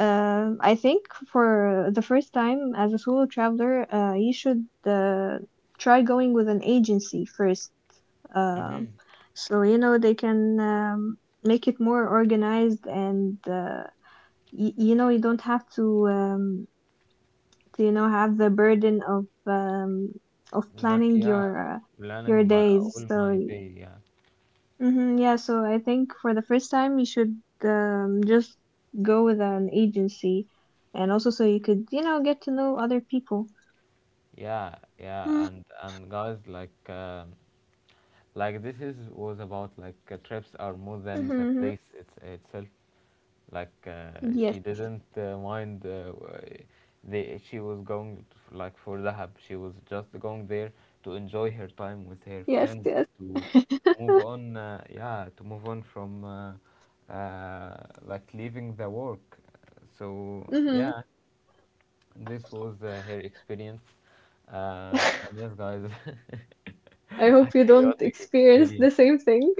Speaker 2: uh, I think for the first time as a solo traveler, you should, try going with an agency first. Um,
Speaker 1: Mm-hmm.
Speaker 2: so, you know, they can, make it more organized, and, you know, you don't have to, you know, have the burden of
Speaker 1: Like
Speaker 2: planning
Speaker 1: yeah,
Speaker 2: your uh,
Speaker 1: planning
Speaker 2: your
Speaker 1: my
Speaker 2: days.
Speaker 1: all
Speaker 2: So,
Speaker 1: my day yeah.
Speaker 2: yeah, so I think for the first time you should, just go with an agency, and also so you could, you know, get to know other people.
Speaker 1: Yeah, yeah, and guys, like, like this is was about like, trips are more than the
Speaker 2: Mm-hmm.
Speaker 1: place it's, itself. Like,
Speaker 2: Yes,
Speaker 1: she didn't, mind, w- the she was going like for Dahab. She was just going there to enjoy her time with her
Speaker 2: yes,
Speaker 1: friends,
Speaker 2: yes.
Speaker 1: to to move on. Yeah, to move on from, uh, like leaving the work. So
Speaker 2: Mm-hmm.
Speaker 1: yeah. This was, her experience. And yes, guys, <laughs>
Speaker 2: <laughs> I
Speaker 1: a
Speaker 2: hope you don't
Speaker 1: chaotic
Speaker 2: experience
Speaker 1: experience.
Speaker 2: the same thing.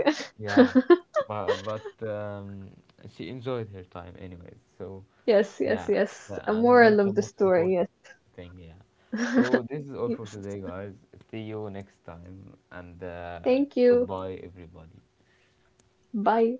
Speaker 2: <laughs>
Speaker 1: Yeah, but she enjoyed her time anyways. So
Speaker 2: Yes, yes,
Speaker 1: yeah,
Speaker 2: yes. A
Speaker 1: and
Speaker 2: moral
Speaker 1: that's
Speaker 2: of
Speaker 1: the
Speaker 2: the
Speaker 1: most
Speaker 2: story, yes.
Speaker 1: important thing. Yeah.
Speaker 2: <laughs>
Speaker 1: So this is all for
Speaker 2: Yes.
Speaker 1: today, guys. See you next time, and,
Speaker 2: Thank you.
Speaker 1: goodbye, everybody.
Speaker 2: Bye.